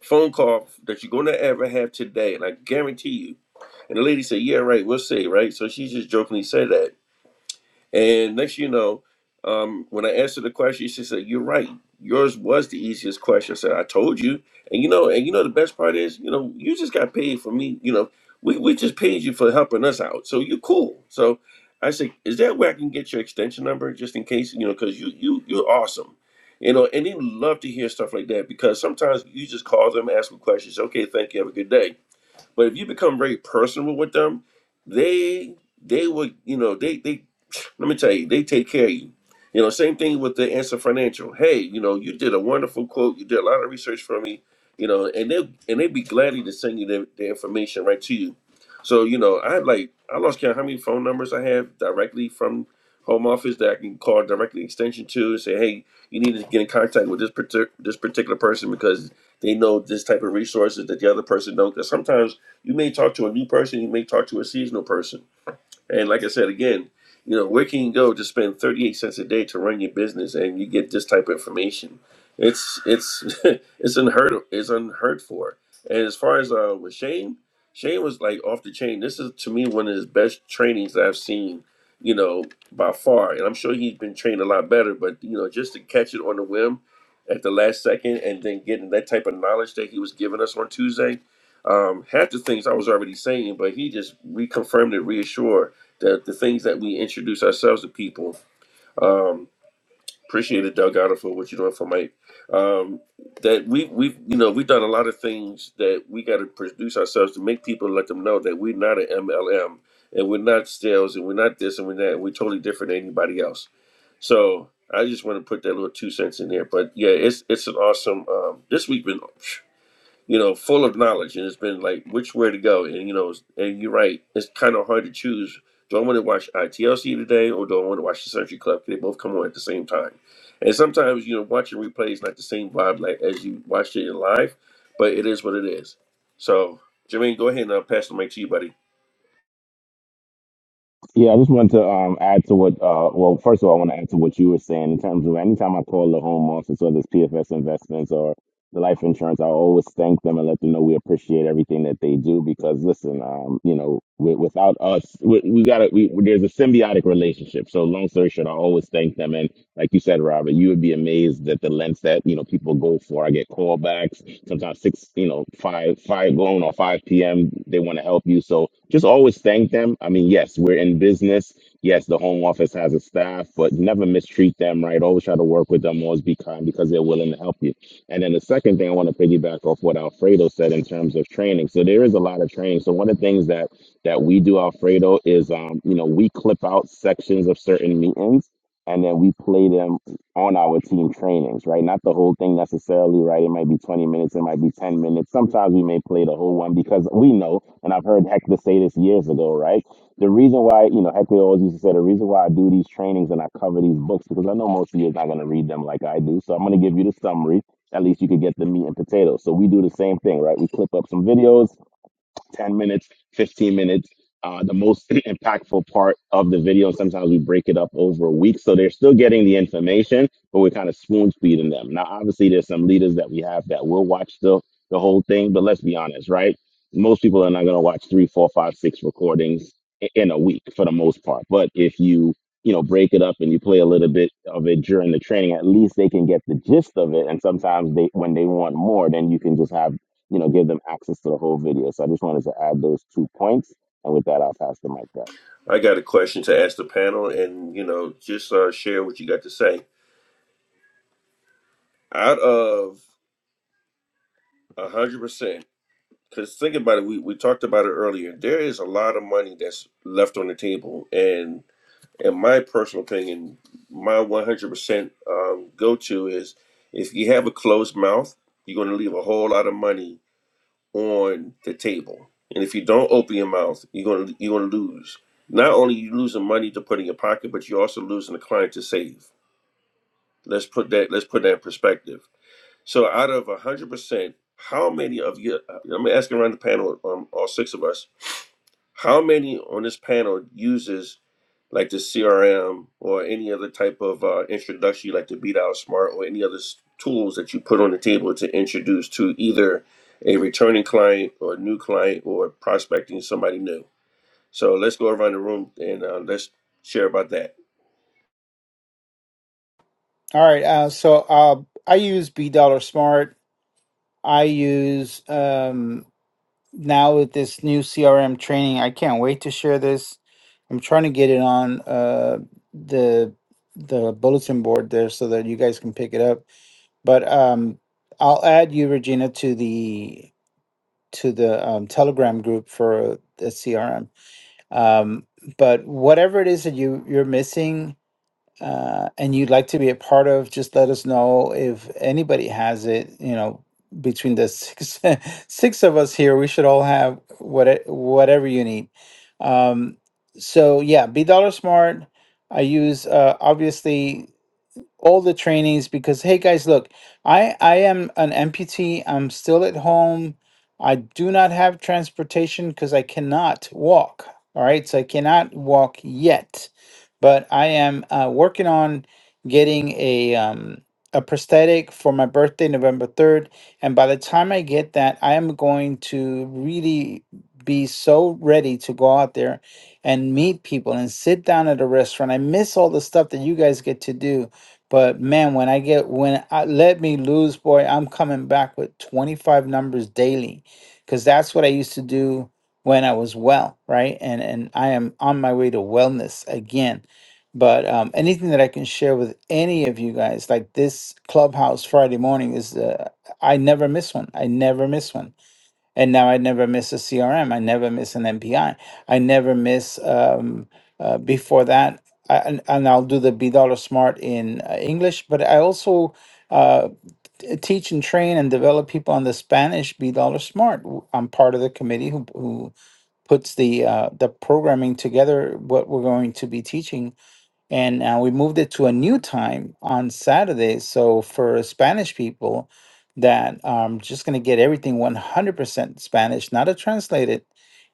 Speaker 1: phone call that you're going to ever have today and i guarantee you and the lady said yeah right we'll see right so she just jokingly said that and next, you know, um, when I answered the question, she said, "You're right. Yours was the easiest question." I said, "I told you." And you know, and you know, the best part is, you know, you just got paid for me. You know, we we just paid you for helping us out, so you're cool. So I said, "Is that where I can get your extension number, just in case?" You know, because you you you're awesome. You know, and they love to hear stuff like that because sometimes you just call them, ask them questions. Okay, thank you. Have a good day but if you become very personal with them, they they would you know they they let me tell you they take care of you. You know, same thing with the answer financial. Hey, you know, you did a wonderful quote. You did a lot of research for me. You know, and they and they'd be glad to send you their, their information right to you. So you know, I had like I lost count how many phone numbers I have directly from home office that I can call directly extension to and say, hey, you need to get in contact with this partic- this particular person because they know this type of resources that the other person don't. Because sometimes you may talk to a new person, you may talk to a seasonal person. And like I said again, you know, where can you go to spend 38 cents a day to run your business and you get this type of information? It's it's it's unheard of, it's unheard for. And as far as uh, with Shane, Shane was like off the chain. This is to me one of his best trainings that I've seen, you know, by far. And I'm sure he's been trained a lot better, but you know, just to catch it on the whim at the last second and then getting that type of knowledge that he was giving us on Tuesday. Um, half the things I was already saying, but he just reconfirmed it, reassured the, the things that we introduce ourselves to people. Um, appreciate it, Doug Otter, for what you're doing for Mike. Um, that we we you know we've done a lot of things that we got to produce ourselves to make people let them know that we're not an MLM and we're not sales and we're not this and we're that. We're totally different than anybody else. So I just want to put that little two cents in there. But yeah, it's it's an awesome. Um, this week been you know, full of knowledge, and it's been like which way to go. And you know, it's- and you're right, it's kind of hard to choose. Do I want to watch ITLC today, or do I want to watch the Century Club? They both come on at the same time, and sometimes you know, watching replay is not the same vibe like as you watched it in live, but it is what it is. So, Jermaine, go ahead and uh, pass the mic to you, buddy.
Speaker 6: Yeah, I just wanted to um, add to what, uh, well, first of all, I want to add to what you were saying in terms of anytime I call the home office or this PFS investments or the life insurance, I always thank them and let them know we appreciate everything that they do because listen, um, you know, wi- without us, we, we gotta, we, there's a symbiotic relationship. So long story short, I always thank them. And like you said, Robert, you would be amazed at the lengths that you know people go for. I get callbacks sometimes six, you know, five, five going or five p.m. They want to help you, so just always thank them. I mean, yes, we're in business. Yes, the home office has a staff, but never mistreat them. Right, always try to work with them. Always be kind because they're willing to help you. And then the second thing I want to piggyback off what Alfredo said in terms of training. So there is a lot of training. So one of the things that that we do, Alfredo, is um, you know we clip out sections of certain meetings and then we play them on our team trainings, right? Not the whole thing necessarily, right? It might be 20 minutes, it might be 10 minutes. Sometimes we may play the whole one because we know, and I've heard Hector say this years ago, right? The reason why, you know, Hector always used to say, the reason why I do these trainings and I cover these books, because I know most of you is not going to read them like I do. So I'm going to give you the summary. At least you could get the meat and potatoes. So we do the same thing, right? We clip up some videos 10 minutes, 15 minutes, uh, the most impactful part of the video. Sometimes we break it up over a week. So they're still getting the information, but we're kind of spoon feeding them. Now, obviously, there's some leaders that we have that will watch the, the whole thing, but let's be honest, right? Most people are not going to watch three, four, five, six recordings i- in a week for the most part. But if you you know, break it up and you play a little bit of it during the training. At least they can get the gist of it. And sometimes they, when they want more, then you can just have you know, give them access to the whole video. So I just wanted to add those two points. And with that, I'll pass the mic back.
Speaker 1: I got a question to ask the panel, and you know, just uh, share what you got to say. Out of 100%, Because think about it, we, we talked about it earlier. There is a lot of money that's left on the table, and in my personal opinion, my one hundred percent go to is if you have a closed mouth, you're going to leave a whole lot of money on the table, and if you don't open your mouth, you're going to you're going to lose. Not only you losing money to put in your pocket, but you're also losing a client to save. Let's put that let's put that in perspective. So out of a hundred percent, how many of you? I'm asking around the panel, um, all six of us how many on this panel uses like the CRM or any other type of uh, introduction, like the Beat Out Smart or any other s- tools that you put on the table to introduce to either a returning client or a new client or prospecting somebody new? So let's go around the room and uh, let's share about that.
Speaker 5: All right. Uh, so uh, I use B Dollar Smart. I use um, now with this new CRM training. I can't wait to share this. I'm trying to get it on uh, the the bulletin board there so that you guys can pick it up. But um, I'll add you, Regina, to the to the um, Telegram group for the CRM. Um, but whatever it is that you you're missing, uh, and you'd like to be a part of, just let us know if anybody has it. You know, between the six six of us here, we should all have what whatever you need. Um, so yeah, be dollar smart. I use uh, obviously all the trainings because hey guys look i i am an amputee i'm still at home i do not have transportation because i cannot walk all right so i cannot walk yet but i am uh, working on getting a um a prosthetic for my birthday november 3rd and by the time i get that i am going to really be so ready to go out there and meet people and sit down at a restaurant i miss all the stuff that you guys get to do but man, when I get when I let me lose, boy, I'm coming back with 25 numbers daily because that's what I used to do when I was well, right? And and I am on my way to wellness again. But um, anything that I can share with any of you guys, like this clubhouse Friday morning, is uh, I never miss one. I never miss one and now I never miss a CRM. I never miss an MPI. I I never miss. Um, uh, before that, I, and, and I'll do the B Dollar Smart in uh, English, but I also uh, t- teach and train and develop people on the Spanish B Dollar Smart. W- I'm part of the committee who who puts the uh, the programming together. What we're going to be teaching and uh, we moved it to a new time on Saturday. So for Spanish people that um, just going to get everything 100% Spanish, not a translated,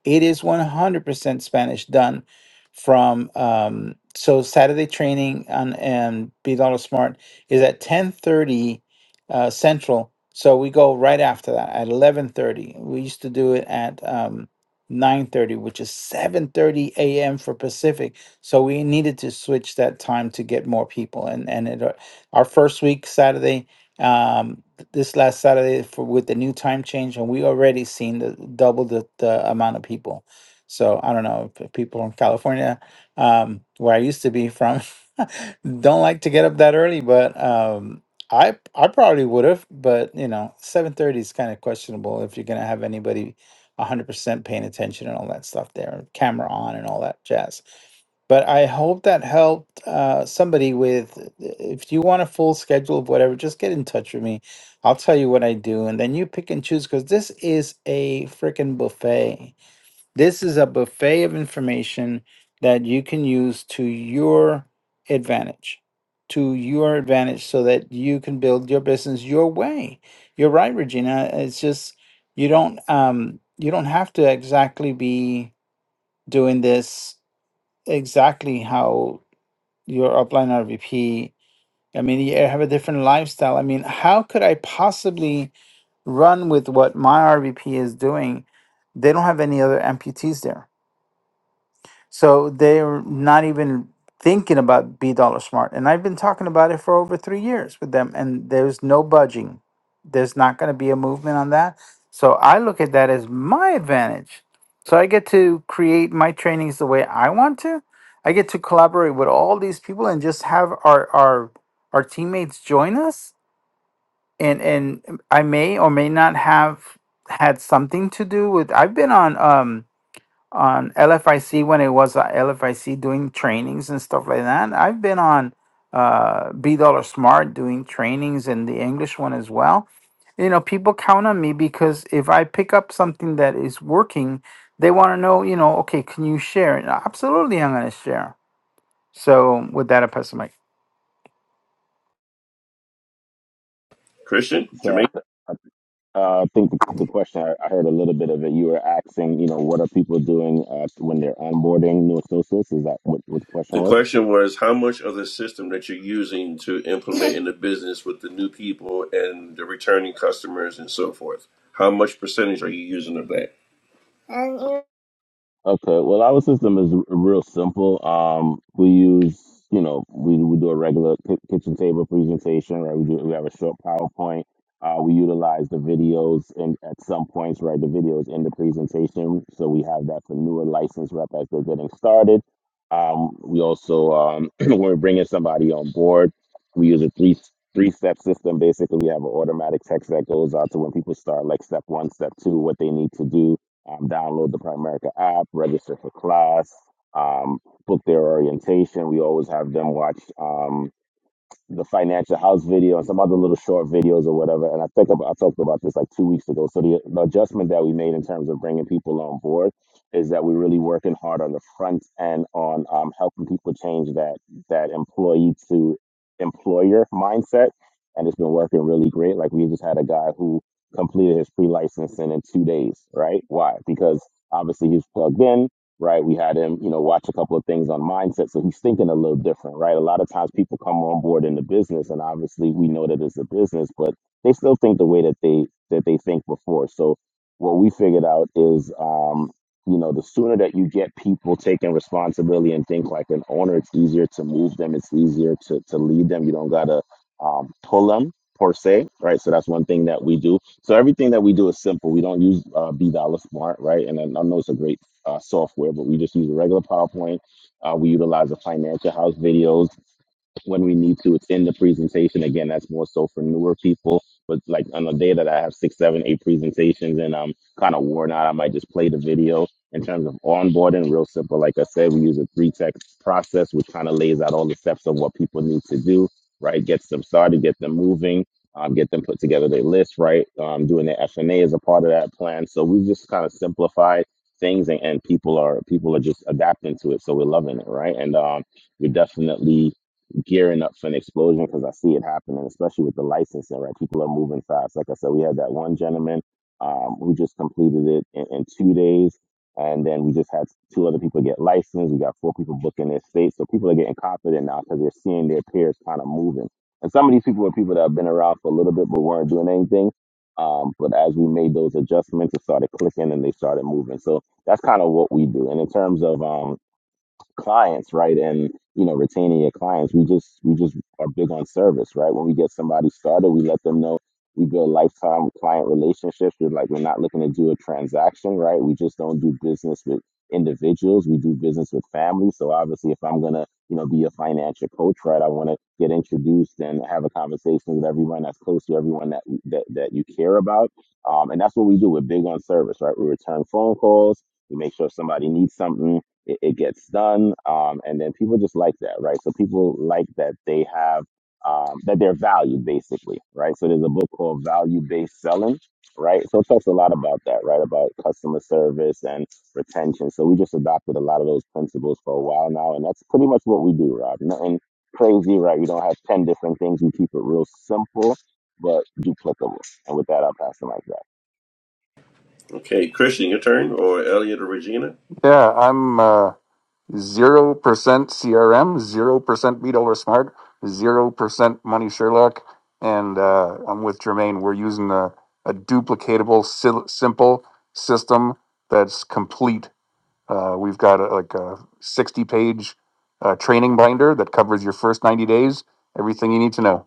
Speaker 5: it is 100% Spanish done from um, so Saturday training on and Be Dollar Smart is at 10:30 uh, Central. So we go right after that at 11:30. We used to do it at um, 9:30, which is 7:30 a.m. for Pacific so we needed to switch that time to get more people. And and it, uh, our first week Saturday, um, th- this last Saturday for, with the new time change, and we already seen the double the, the amount of people. So I don't know if people from California, um, where I used to be from, don't like to get up that early, but um, I I probably would have, but you know, seven thirty is kind of questionable if you're gonna have anybody hundred percent paying attention and all that stuff there, camera on and all that jazz. But I hope that helped uh, somebody with. If you want a full schedule of whatever, just get in touch with me. I'll tell you what I do, and then you pick and choose because this is a freaking buffet. This is a buffet of information that you can use to your advantage, to your advantage, so that you can build your business your way. You're right, Regina. It's just you don't um, you don't have to exactly be doing this exactly how your upline RVP. I mean, you have a different lifestyle. I mean, how could I possibly run with what my RVP is doing? They don't have any other amputees there. So they're not even thinking about be dollar smart. And I've been talking about it for over three years with them, and there's no budging. There's not going to be a movement on that. So I look at that as my advantage. So I get to create my trainings the way I want to. I get to collaborate with all these people and just have our our our teammates join us. And and I may or may not have had something to do with. I've been on. Um, on LFIC when it was uh, LFIC doing trainings and stuff like that. I've been on uh, B Dollar Smart doing trainings and the English one as well. You know, people count on me because if I pick up something that is working, they want to know, you know, okay, can you share it? Absolutely, I'm going to share. So, with that, I pass the mic.
Speaker 1: Christian,
Speaker 6: So
Speaker 1: Jermaine.
Speaker 6: uh, I think the question, I I heard a little bit of it. You were asking, you know, what are people doing uh, when they're onboarding new associates? Is that what, what the question
Speaker 1: The
Speaker 6: was?
Speaker 1: question was how much of the system that you're using to implement in the business with the new people and the returning customers and so forth? How much percentage are you using of that? Okay,
Speaker 6: Okay. Well, our system is r- real simple. Um, we use, you know, we, we do a regular ki- kitchen table presentation, right? We do we have a short PowerPoint. Uh, we utilize the videos and at some points, right? The videos in the presentation, so we have that for newer license rep as they're getting started. Um, we also um, when we're bringing somebody on board, we use a three three step system. Basically, we have an automatic text that goes out to when people start, like step one, step two, what they need to do um, download the Primerica app, register for class, um, book their orientation. We always have them watch. Um, the financial house video and some other little short videos or whatever. And I think about, I talked about this like two weeks ago. So the, the adjustment that we made in terms of bringing people on board is that we're really working hard on the front end on um, helping people change that that employee to employer mindset, and it's been working really great. Like we just had a guy who completed his pre-licensing in two days. Right? Why? Because obviously he's plugged in right? We had him, you know, watch a couple of things on mindset. So he's thinking a little different, right? A lot of times people come on board in the business and obviously we know that it's a business, but they still think the way that they that they think before. So what we figured out is um, you know, the sooner that you get people taking responsibility and think like an owner, it's easier to move them, it's easier to to lead them. You don't gotta um, pull them per se, right? So that's one thing that we do. So everything that we do is simple. We don't use uh, B dollar smart, right? And I I know it's a great uh, software, but we just use a regular PowerPoint. Uh, we utilize the financial house videos when we need to it's in the presentation. Again, that's more so for newer people. But like on the day that I have six, seven, eight presentations and I'm kind of worn out, I might just play the video. In terms of onboarding, real simple. Like I said, we use a three text process, which kind of lays out all the steps of what people need to do, right? Gets them started, get them moving, um, get them put together their list, right? Um, doing their FNA is a part of that plan. So we just kind of simplified things and, and people are people are just adapting to it. So we're loving it, right? And um, we're definitely gearing up for an explosion because I see it happening, especially with the licensing, right? People are moving fast. Like I said, we had that one gentleman um, who just completed it in, in two days. And then we just had two other people get licensed. We got four people booking their states. So people are getting confident now because they're seeing their peers kind of moving. And some of these people were people that have been around for a little bit but weren't doing anything. Um, but as we made those adjustments, it started clicking and they started moving. So that's kind of what we do. And in terms of um, clients, right? And you know, retaining your clients. We just we just are big on service, right? When we get somebody started, we let them know we build lifetime client relationships. We're like we're not looking to do a transaction, right? We just don't do business with individuals. We do business with families. So obviously if I'm gonna, you know, be a financial coach, right, I wanna get introduced and have a conversation with everyone that's close to everyone that that, that you care about. Um, and that's what we do. We're big on service, right? We return phone calls. We make sure if somebody needs something it, it gets done um, and then people just like that right so people like that they have um, that they're valued basically right so there's a book called value based selling right so it talks a lot about that right about customer service and retention so we just adopted a lot of those principles for a while now and that's pretty much what we do rob nothing crazy right we don't have 10 different things we keep it real simple but duplicable and with that i'll pass the mic back
Speaker 1: Christian, your turn, or Elliot or Regina?
Speaker 3: Yeah, I'm. Uh, zero percent CRM, zero percent Beat Older Smart, zero percent Money Sherlock, and uh, I'm with Jermaine. We're using a, a duplicatable, sil- simple system that's complete. Uh, we've got a, like a 60 page uh, training binder that covers your first 90 days, everything you need to know.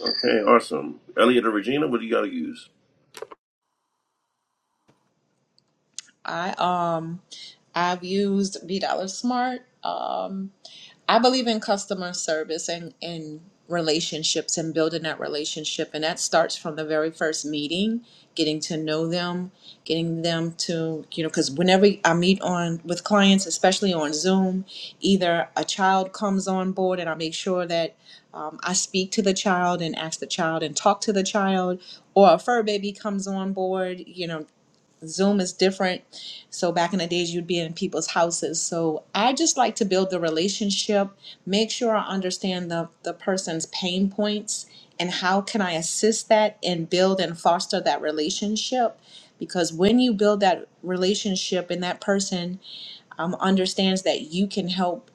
Speaker 1: Okay, awesome. Elliot or Regina, what do you got to use?
Speaker 2: I um I've used B Dollar Smart. Um, I believe in customer service and, and relationships and building that relationship. And that starts from the very first meeting, getting to know them, getting them to, you know, because whenever I meet on with clients, especially on Zoom, either a child comes on board and I make sure that um, I speak to the child and ask the child and talk to the child, or a fur baby comes on board, you know, Zoom is different. So back in the days, you'd be in people's houses. So I just like to build the relationship, make sure I understand the, the person's pain points and how can I assist that and build and foster that relationship. Because when you build that relationship and that person um, understands that you can help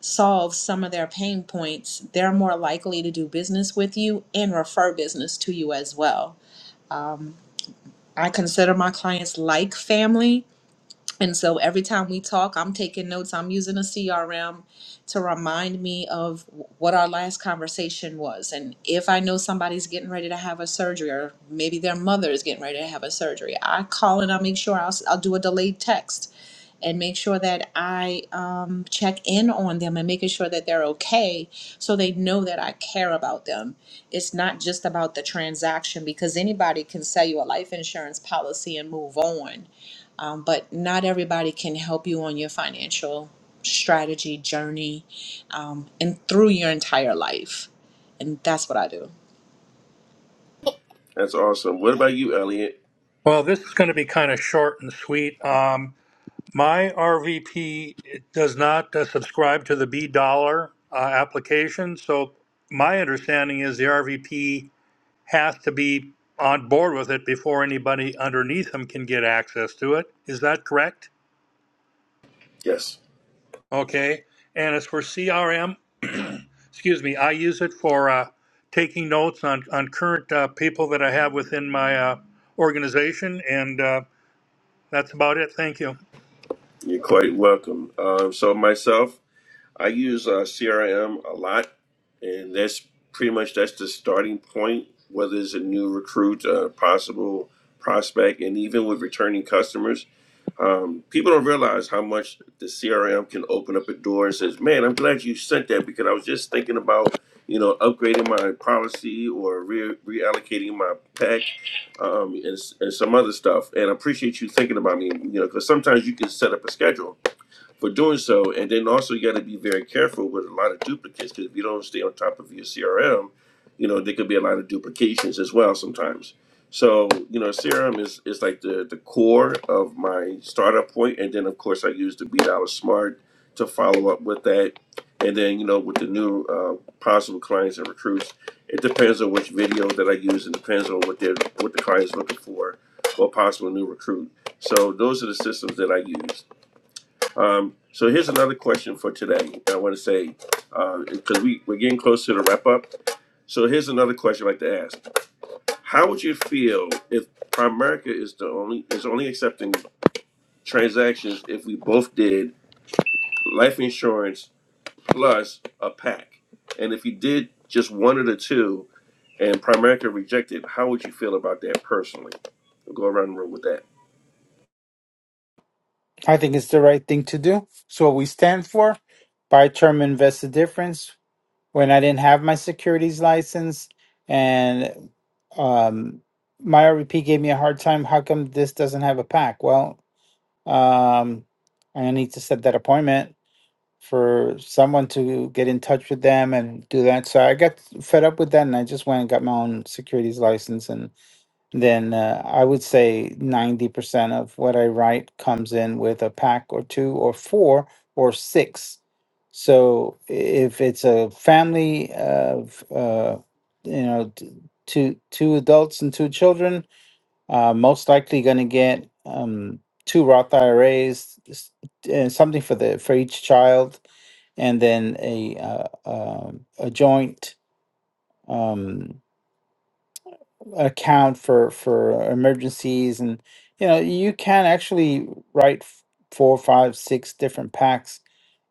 Speaker 2: solve some of their pain points, they're more likely to do business with you and refer business to you as well. Um, I consider my clients like family and so every time we talk, I'm taking notes. I'm using a CRM to remind me of what our last conversation was. And if I know somebody's getting ready to have a surgery, or maybe their mother is getting ready to have a surgery, I call and I'll make sure I'll, I'll do a delayed text and make sure that I um, check in on them and making sure that they're okay so they know that I care about them. It's not just about the transaction because anybody can sell you a life insurance policy and move on um, but not everybody can help you on your financial strategy journey um, and through your entire life and that's what i do
Speaker 1: That's awesome. What about you, Elliot?
Speaker 4: Well, this is going to be kind of short and sweet. Um, my RVP does not uh, subscribe to the B dollar uh, application, so my understanding is the RVP has to be on board with it before anybody underneath him can get access to it. Is that correct?
Speaker 1: Yes,
Speaker 4: Okay. And as for CRM, excuse me, I use it for uh, taking notes on, on current uh, people that I have within my uh, organization. And uh, that's about it. Thank you.
Speaker 1: you're quite welcome. Um, so myself, I use uh, CRM a lot, and that's pretty much that's the starting point. Whether it's a new recruit, a possible prospect, and even with returning customers, um, people don't realize how much the CRM can open up a door and says, "Man, I'm glad you sent that because I was just thinking about." You know, upgrading my policy or re- reallocating my pack um, and, s- and some other stuff. And I appreciate you thinking about me, you know, because sometimes you can set up a schedule for doing so. And then also you got to be very careful with a lot of duplicates because if you don't stay on top of your CRM, you know there could be a lot of duplications as well sometimes. So you know CRM is is like the the core of my startup point, and then of course I use the Beat Out Smart to follow up with that, and then you know with the new uh, possible clients and recruits, it depends on which video that I use, and depends on what they what the client's looking for, or possible new recruit. So those are the systems that I use. Um, so here's another question for today. I want to say, because we, we're getting close to the wrap up. So here's another question I'd like to ask. How would you feel if Primerica is the only is only accepting transactions if we both did life insurance plus a pack? And if you did just one of the two and Primerica rejected, how would you feel about that personally? We'll go around the room with that.
Speaker 5: I think it's the right thing to do. So, what we stand for, buy term, invest the difference. when I didn't have my securities license, and um, my RVP gave me a hard time. How come this doesn't have a pack? Well, um, I need to set that appointment for someone to get in touch with them and do that. So I got fed up with that, and I just went and got my own securities license, and then uh, I would say 90% of what I write comes in with a pack or two or four or six. So if it's a family of, uh, you know, t- two, two adults and two children, uh, most likely going to get um, two Roth IRAs, s- and something for the for each child, and then a uh, um a joint. Um, account for for uh, emergencies and you know you can actually write f- four five six different packs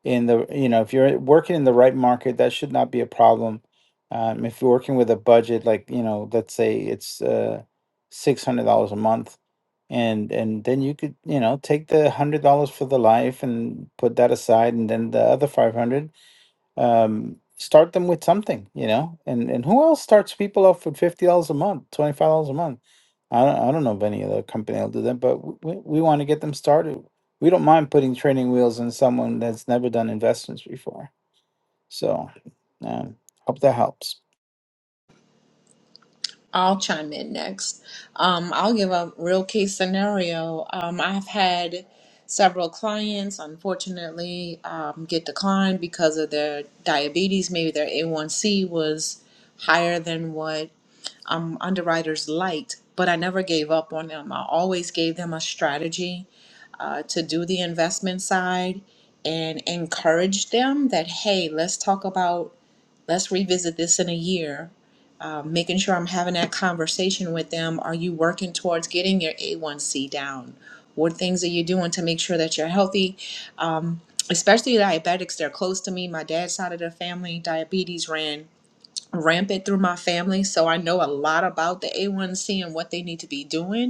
Speaker 5: in the you know if you're working in the right market that should not be a problem um, if you're working with a budget like you know let's say it's uh six hundred dollars a month and and then you could you know take the hundred dollars for the life and put that aside and then the other five hundred um, start them with something, you know. And and who else starts people off with fifty dollars a month, twenty five dollars a month? I don't, I don't know of any other company that'll do that, but w- we we want to get them started. We don't mind putting training wheels on someone that's never done investments before. So, um, hope that helps.
Speaker 2: i'll chime in next um, i'll give a real case scenario um, i've had several clients unfortunately um, get declined because of their diabetes maybe their a1c was higher than what um, underwriters liked, but I never gave up on them. I always gave them a strategy uh, to do the investment side and encouraged them that, hey, let's talk about, let's revisit this in a year. Uh, making sure I'm having that conversation with them. Are you working towards getting your A1C down? What things are you doing to make sure that you're healthy? Um, especially diabetics, they're close to me. My dad's side of the family, diabetes ran rampant through my family, so I know a lot about the A1C and what they need to be doing.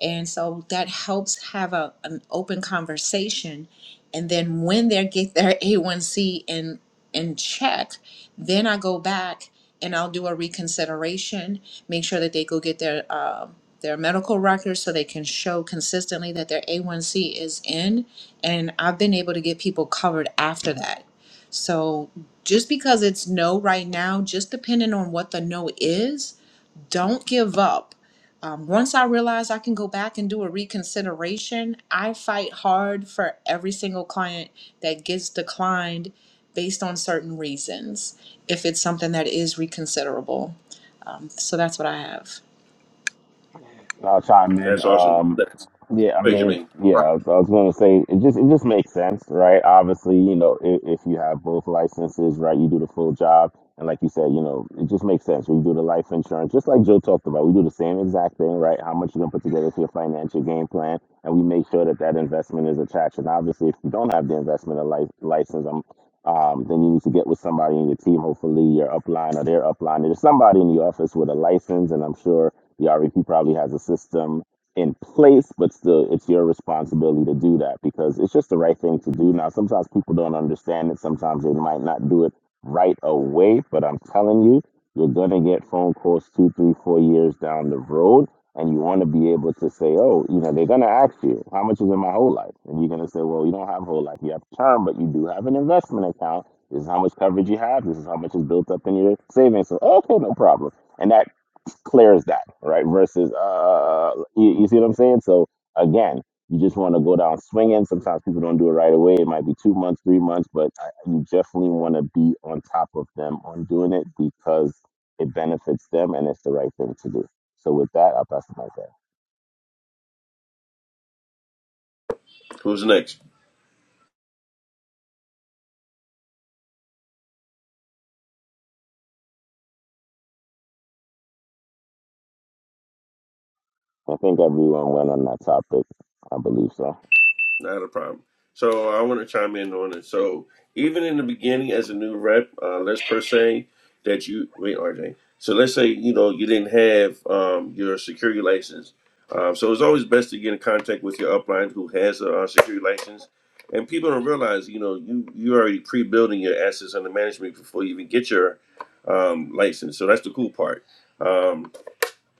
Speaker 2: And so that helps have a, an open conversation. And then when they get their A1C in, in check, then I go back and I'll do a reconsideration, make sure that they go get their, uh, their medical records so they can show consistently that their A1C is in. And I've been able to get people covered after that. So just because it's no right now, just depending on what the no is, don't give up um, once I realize I can go back and do a reconsideration, I fight hard for every single client that gets declined based on certain reasons, if it's something that is reconsiderable. Um, so that's what I have.
Speaker 6: I'll chime in.
Speaker 1: That's awesome.
Speaker 6: Um,
Speaker 1: That's
Speaker 6: yeah, I mean,
Speaker 1: Benjamin.
Speaker 6: yeah, I was, I was going to say it just it just makes sense, right? Obviously, you know, if, if you have both licenses, right, you do the full job, and like you said, you know, it just makes sense. We do the life insurance, just like Joe talked about. We do the same exact thing, right? How much you're going to put together for your financial game plan, and we make sure that that investment is attached. And obviously, if you don't have the investment of life license, i um, then you need to get with somebody in your team, hopefully your upline or their upline. There's somebody in the office with a license, and I'm sure the RVP probably has a system in place, but still, it's your responsibility to do that because it's just the right thing to do. Now, sometimes people don't understand it. Sometimes they might not do it right away, but I'm telling you, you're going to get phone calls two, three, four years down the road. And you want to be able to say, oh, you know, they're going to ask you, how much is in my whole life? And you're going to say, well, you don't have whole life. You have term, but you do have an investment account. This is how much coverage you have. This is how much is built up in your savings. So, okay, no problem. And that Clears that, right? Versus, uh, uh, uh, you, you see what I'm saying? So again, you just want to go down swinging. Sometimes people don't do it right away. It might be two months, three months, but I, you definitely want to be on top of them on doing it because it benefits them and it's the right thing to do. So with that, I'll pass it like that.
Speaker 1: Who's next?
Speaker 6: I think everyone went on that topic. I believe so.
Speaker 1: Not a problem. So I want to chime in on it. So even in the beginning, as a new rep, uh, let's per se that you wait, RJ. So let's say you know you didn't have um, your security license. Um, so it's always best to get in contact with your upline who has a uh, security license. And people don't realize, you know, you you already pre-building your assets under management before you even get your um, license. So that's the cool part. Um,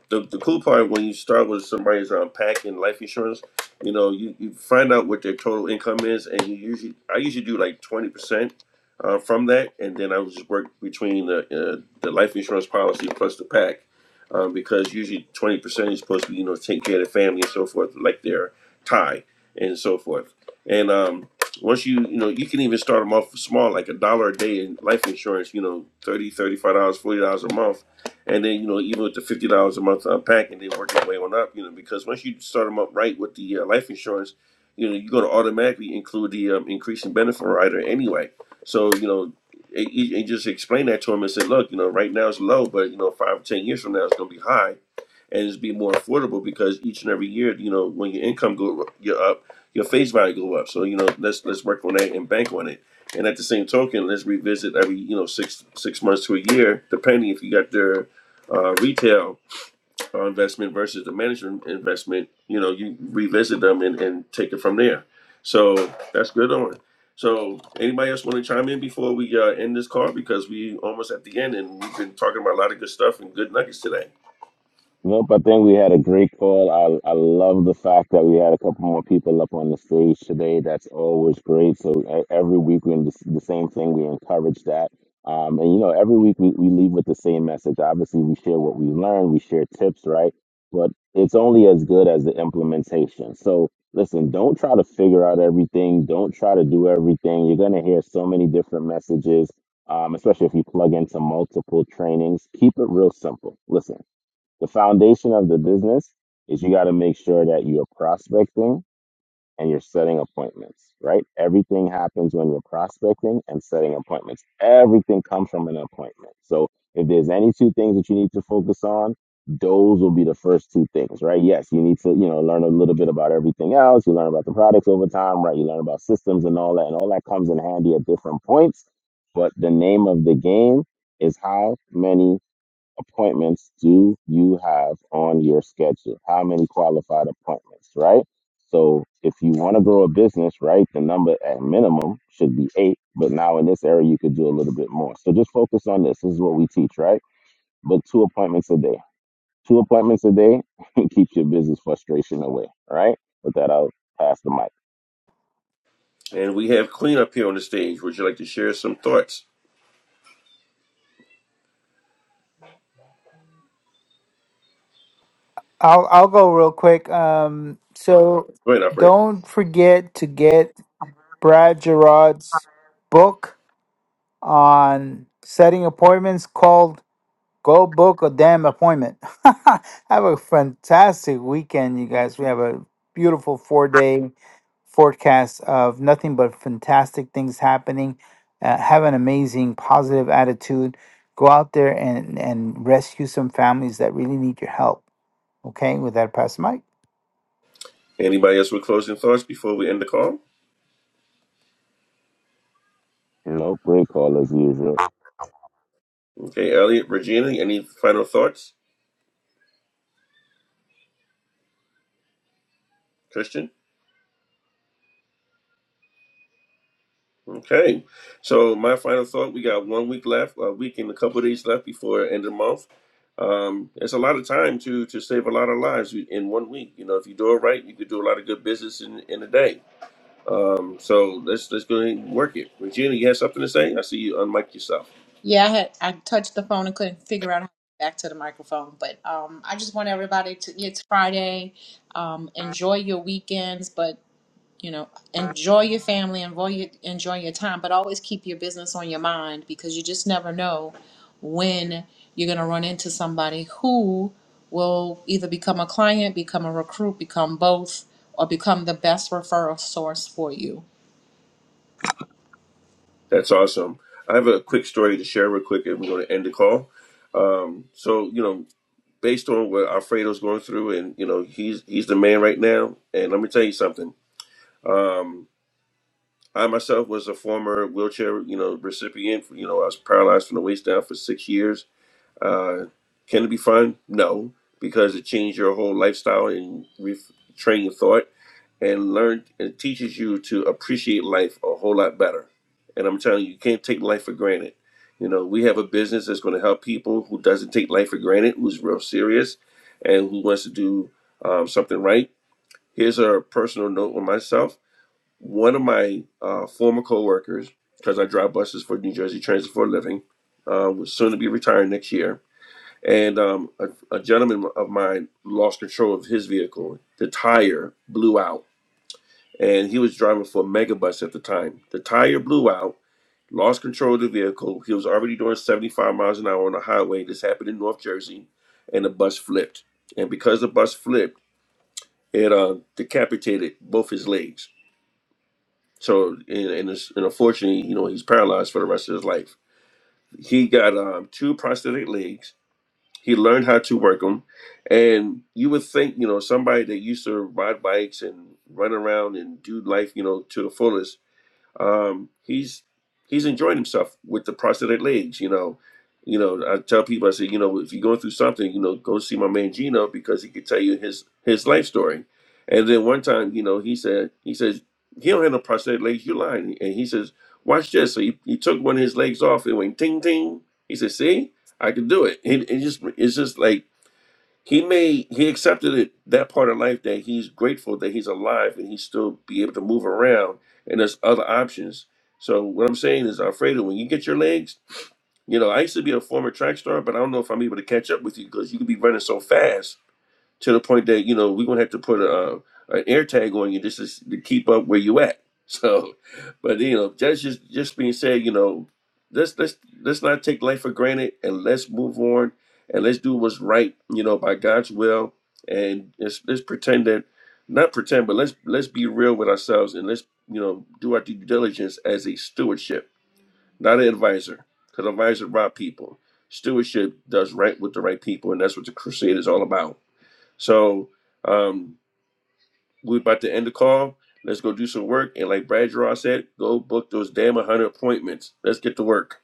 Speaker 1: the, the cool part when you start with somebody's unpacking life insurance, you know, you, you find out what their total income is, and you usually I usually do like twenty percent uh, from that, and then I would just work between the uh, the life insurance policy plus the pack, um, because usually twenty percent is supposed to you know take care of the family and so forth, like their tie and so forth, and um. Once you, you know, you can even start them off small, like a dollar a day in life insurance, you know, thirty thirty five dollars $40 a month and then you know, even with the fifty dollars a month unpacking, they work their way on up. You know, because once you start them up right with the uh, life insurance, you know, you're going to automatically include the um, increasing benefit rider anyway. So you know, and and- and just explain that to them and say, look, you know, right now it's low, but you know, five or ten years from now it's going to be high, and it's be more affordable because each and every year, you know, when your income go you're up, your face value go up. So you know, let's let's work on that and bank on it. And at the same token, let's revisit every you know six six months to a year, depending if you got their uh, retail uh, investment versus the management investment, you know, you revisit them and, and take it from there. So that's good on it. So anybody else want to chime in before we uh, end this call because we almost at the end and we've been talking about a lot of good stuff and good nuggets today.
Speaker 6: Nope, I think we had a great call. I I love the fact that we had a couple more people up on the stage today. That's always great. So e- every week we the the same thing. We encourage that. Um, and you know, every week we, we leave with the same message. Obviously, we share what we learn, we share tips, right? But it's only as good as the implementation. So listen, don't try to figure out everything. Don't try to do everything. You're gonna hear so many different messages, um, especially if you plug into multiple trainings. Keep it real simple. Listen. The foundation of the business is you got to make sure that you're prospecting and you're setting appointments, right? Everything happens when you're prospecting and setting appointments. Everything comes from an appointment. So if there's any two things that you need to focus on, those will be the first two things, right? Yes, you need to, you know, learn a little bit about everything else. You learn about the products over time, right? You learn about systems and all that, and all that comes in handy at different points. But the name of the game is how many appointments do you have on your schedule? How many qualified appointments, right? So if you want to grow a business, right, the number at minimum should be eight. But now in this area, you could do a little bit more. So just focus on this. This is what we teach, right? But two appointments a day. Two appointments a day keeps your business frustration away, right? With that, I'll pass the mic.
Speaker 1: And we have Queen up here on the stage. Would you like to share some thoughts?
Speaker 5: I'll I'll go real quick. Um, so
Speaker 1: Go ahead, operator.
Speaker 5: don't forget to get Brad Gerard's book on setting appointments called Go book a damn appointment. Have a fantastic weekend, you guys. We have a beautiful four day forecast of nothing but fantastic things happening. Uh, have an amazing, positive attitude. Go out there and, and rescue some families that really need your help. Okay, with that, pass the
Speaker 1: Anybody else with closing thoughts before we end the call?
Speaker 6: No break call as usual.
Speaker 1: Okay, Elliot, Regina, any final thoughts? Christian? Okay, so my final thought: we got one week left, a week and a couple of days left before end of the month. Um, it's a lot of time to to save a lot of lives in one week. You know, if you do it right, you could do a lot of good business in in a day. Um, so let's let's go ahead and work it. Regina, you have something to say? I see you unmic yourself.
Speaker 2: Yeah, I had I touched the phone and couldn't figure out how to get back to the microphone, but um, I just want everybody to. It's Friday. Um, enjoy your weekends, but you know enjoy your family enjoy your, enjoy your time but always keep your business on your mind because you just never know when you're going to run into somebody who will either become a client become a recruit become both or become the best referral source for you
Speaker 1: That's awesome. I have a quick story to share real quick, and we're going to end the call. Um, so you know, based on what Alfredo's going through, and you know, he's he's the man right now. And let me tell you something. Um, I myself was a former wheelchair, you know, recipient. You know, I was paralyzed from the waist down for six years. Uh, can it be fun? No, because it changed your whole lifestyle and retrain your thought and learn. It teaches you to appreciate life a whole lot better. And I'm telling you, you can't take life for granted. You know, we have a business that's going to help people who doesn't take life for granted, who's real serious, and who wants to do um, something right. Here's a personal note on myself one of my uh, former coworkers, because I drive buses for New Jersey Transit for a living, uh, was soon to be retiring next year, and um, a, a gentleman of mine lost control of his vehicle. The tire blew out, and he was driving for a megabus at the time. The tire blew out, lost control of the vehicle. He was already doing 75 miles an hour on the highway. This happened in North Jersey, and the bus flipped. And because the bus flipped, it uh, decapitated both his legs So and and, it's, and unfortunately, you know, he's paralyzed for the rest of his life. He got um, two prosthetic legs. He learned how to work them, and you would think, you know, somebody that used to ride bikes and run around and do life, you know, to the fullest um, he's he's enjoyed himself with the prosthetic legs. You know, you know. I tell people, I say, you know, if you're going through something, you know, go see my man Gino because he could tell you his his life story. And then one time, you know, he said, he says, he don't have no prosthetic legs. You lying. And he says, watch this. So he, he took one of his legs off. It went ting ting. He said, see, I can do it. It, it just it's just like he made he accepted it that part of life that he's grateful that he's alive and he still be able to move around and there's other options so what i'm saying is alfredo when you get your legs you know i used to be a former track star but i don't know if i'm able to catch up with you because you could be running so fast to the point that you know we're gonna have to put a uh, an air tag on you just to, to keep up where you at. So, but you know, that's just just being said, you know, let's let's let's not take life for granted and let's move on and let's do what's right, you know, by God's will and let's let's pretend that not pretend, but let's let's be real with ourselves and let's you know do our due diligence as a stewardship, not an advisor, because advisor rob people. Stewardship does right with the right people, and that's what the crusade is all about so um, we're about to end the call. Let's go do some work. And like Brad Gerard said, go book those damn 100 appointments. Let's get to work.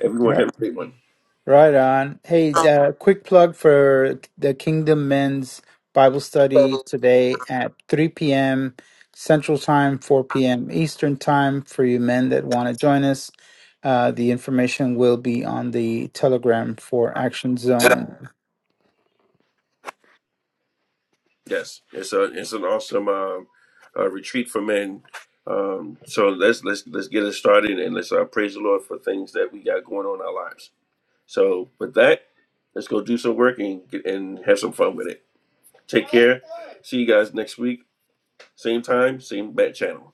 Speaker 1: Everyone
Speaker 5: mic.
Speaker 1: have a great one.
Speaker 5: Right on. Hey, uh, quick plug for the Kingdom Men's Bible Study today at 3 p.m. Central Time, 4 p.m. Eastern Time for you men that want to join us. Uh, the information will be on the Telegram for Action Zone.
Speaker 1: Yes, it's a it's an awesome um, uh, retreat for men. Um, so let's let's let's get it started and let's uh, praise the Lord for things that we got going on in our lives. So with that, let's go do some work and get, and have some fun with it. Take care. See you guys next week, same time, same bat channel.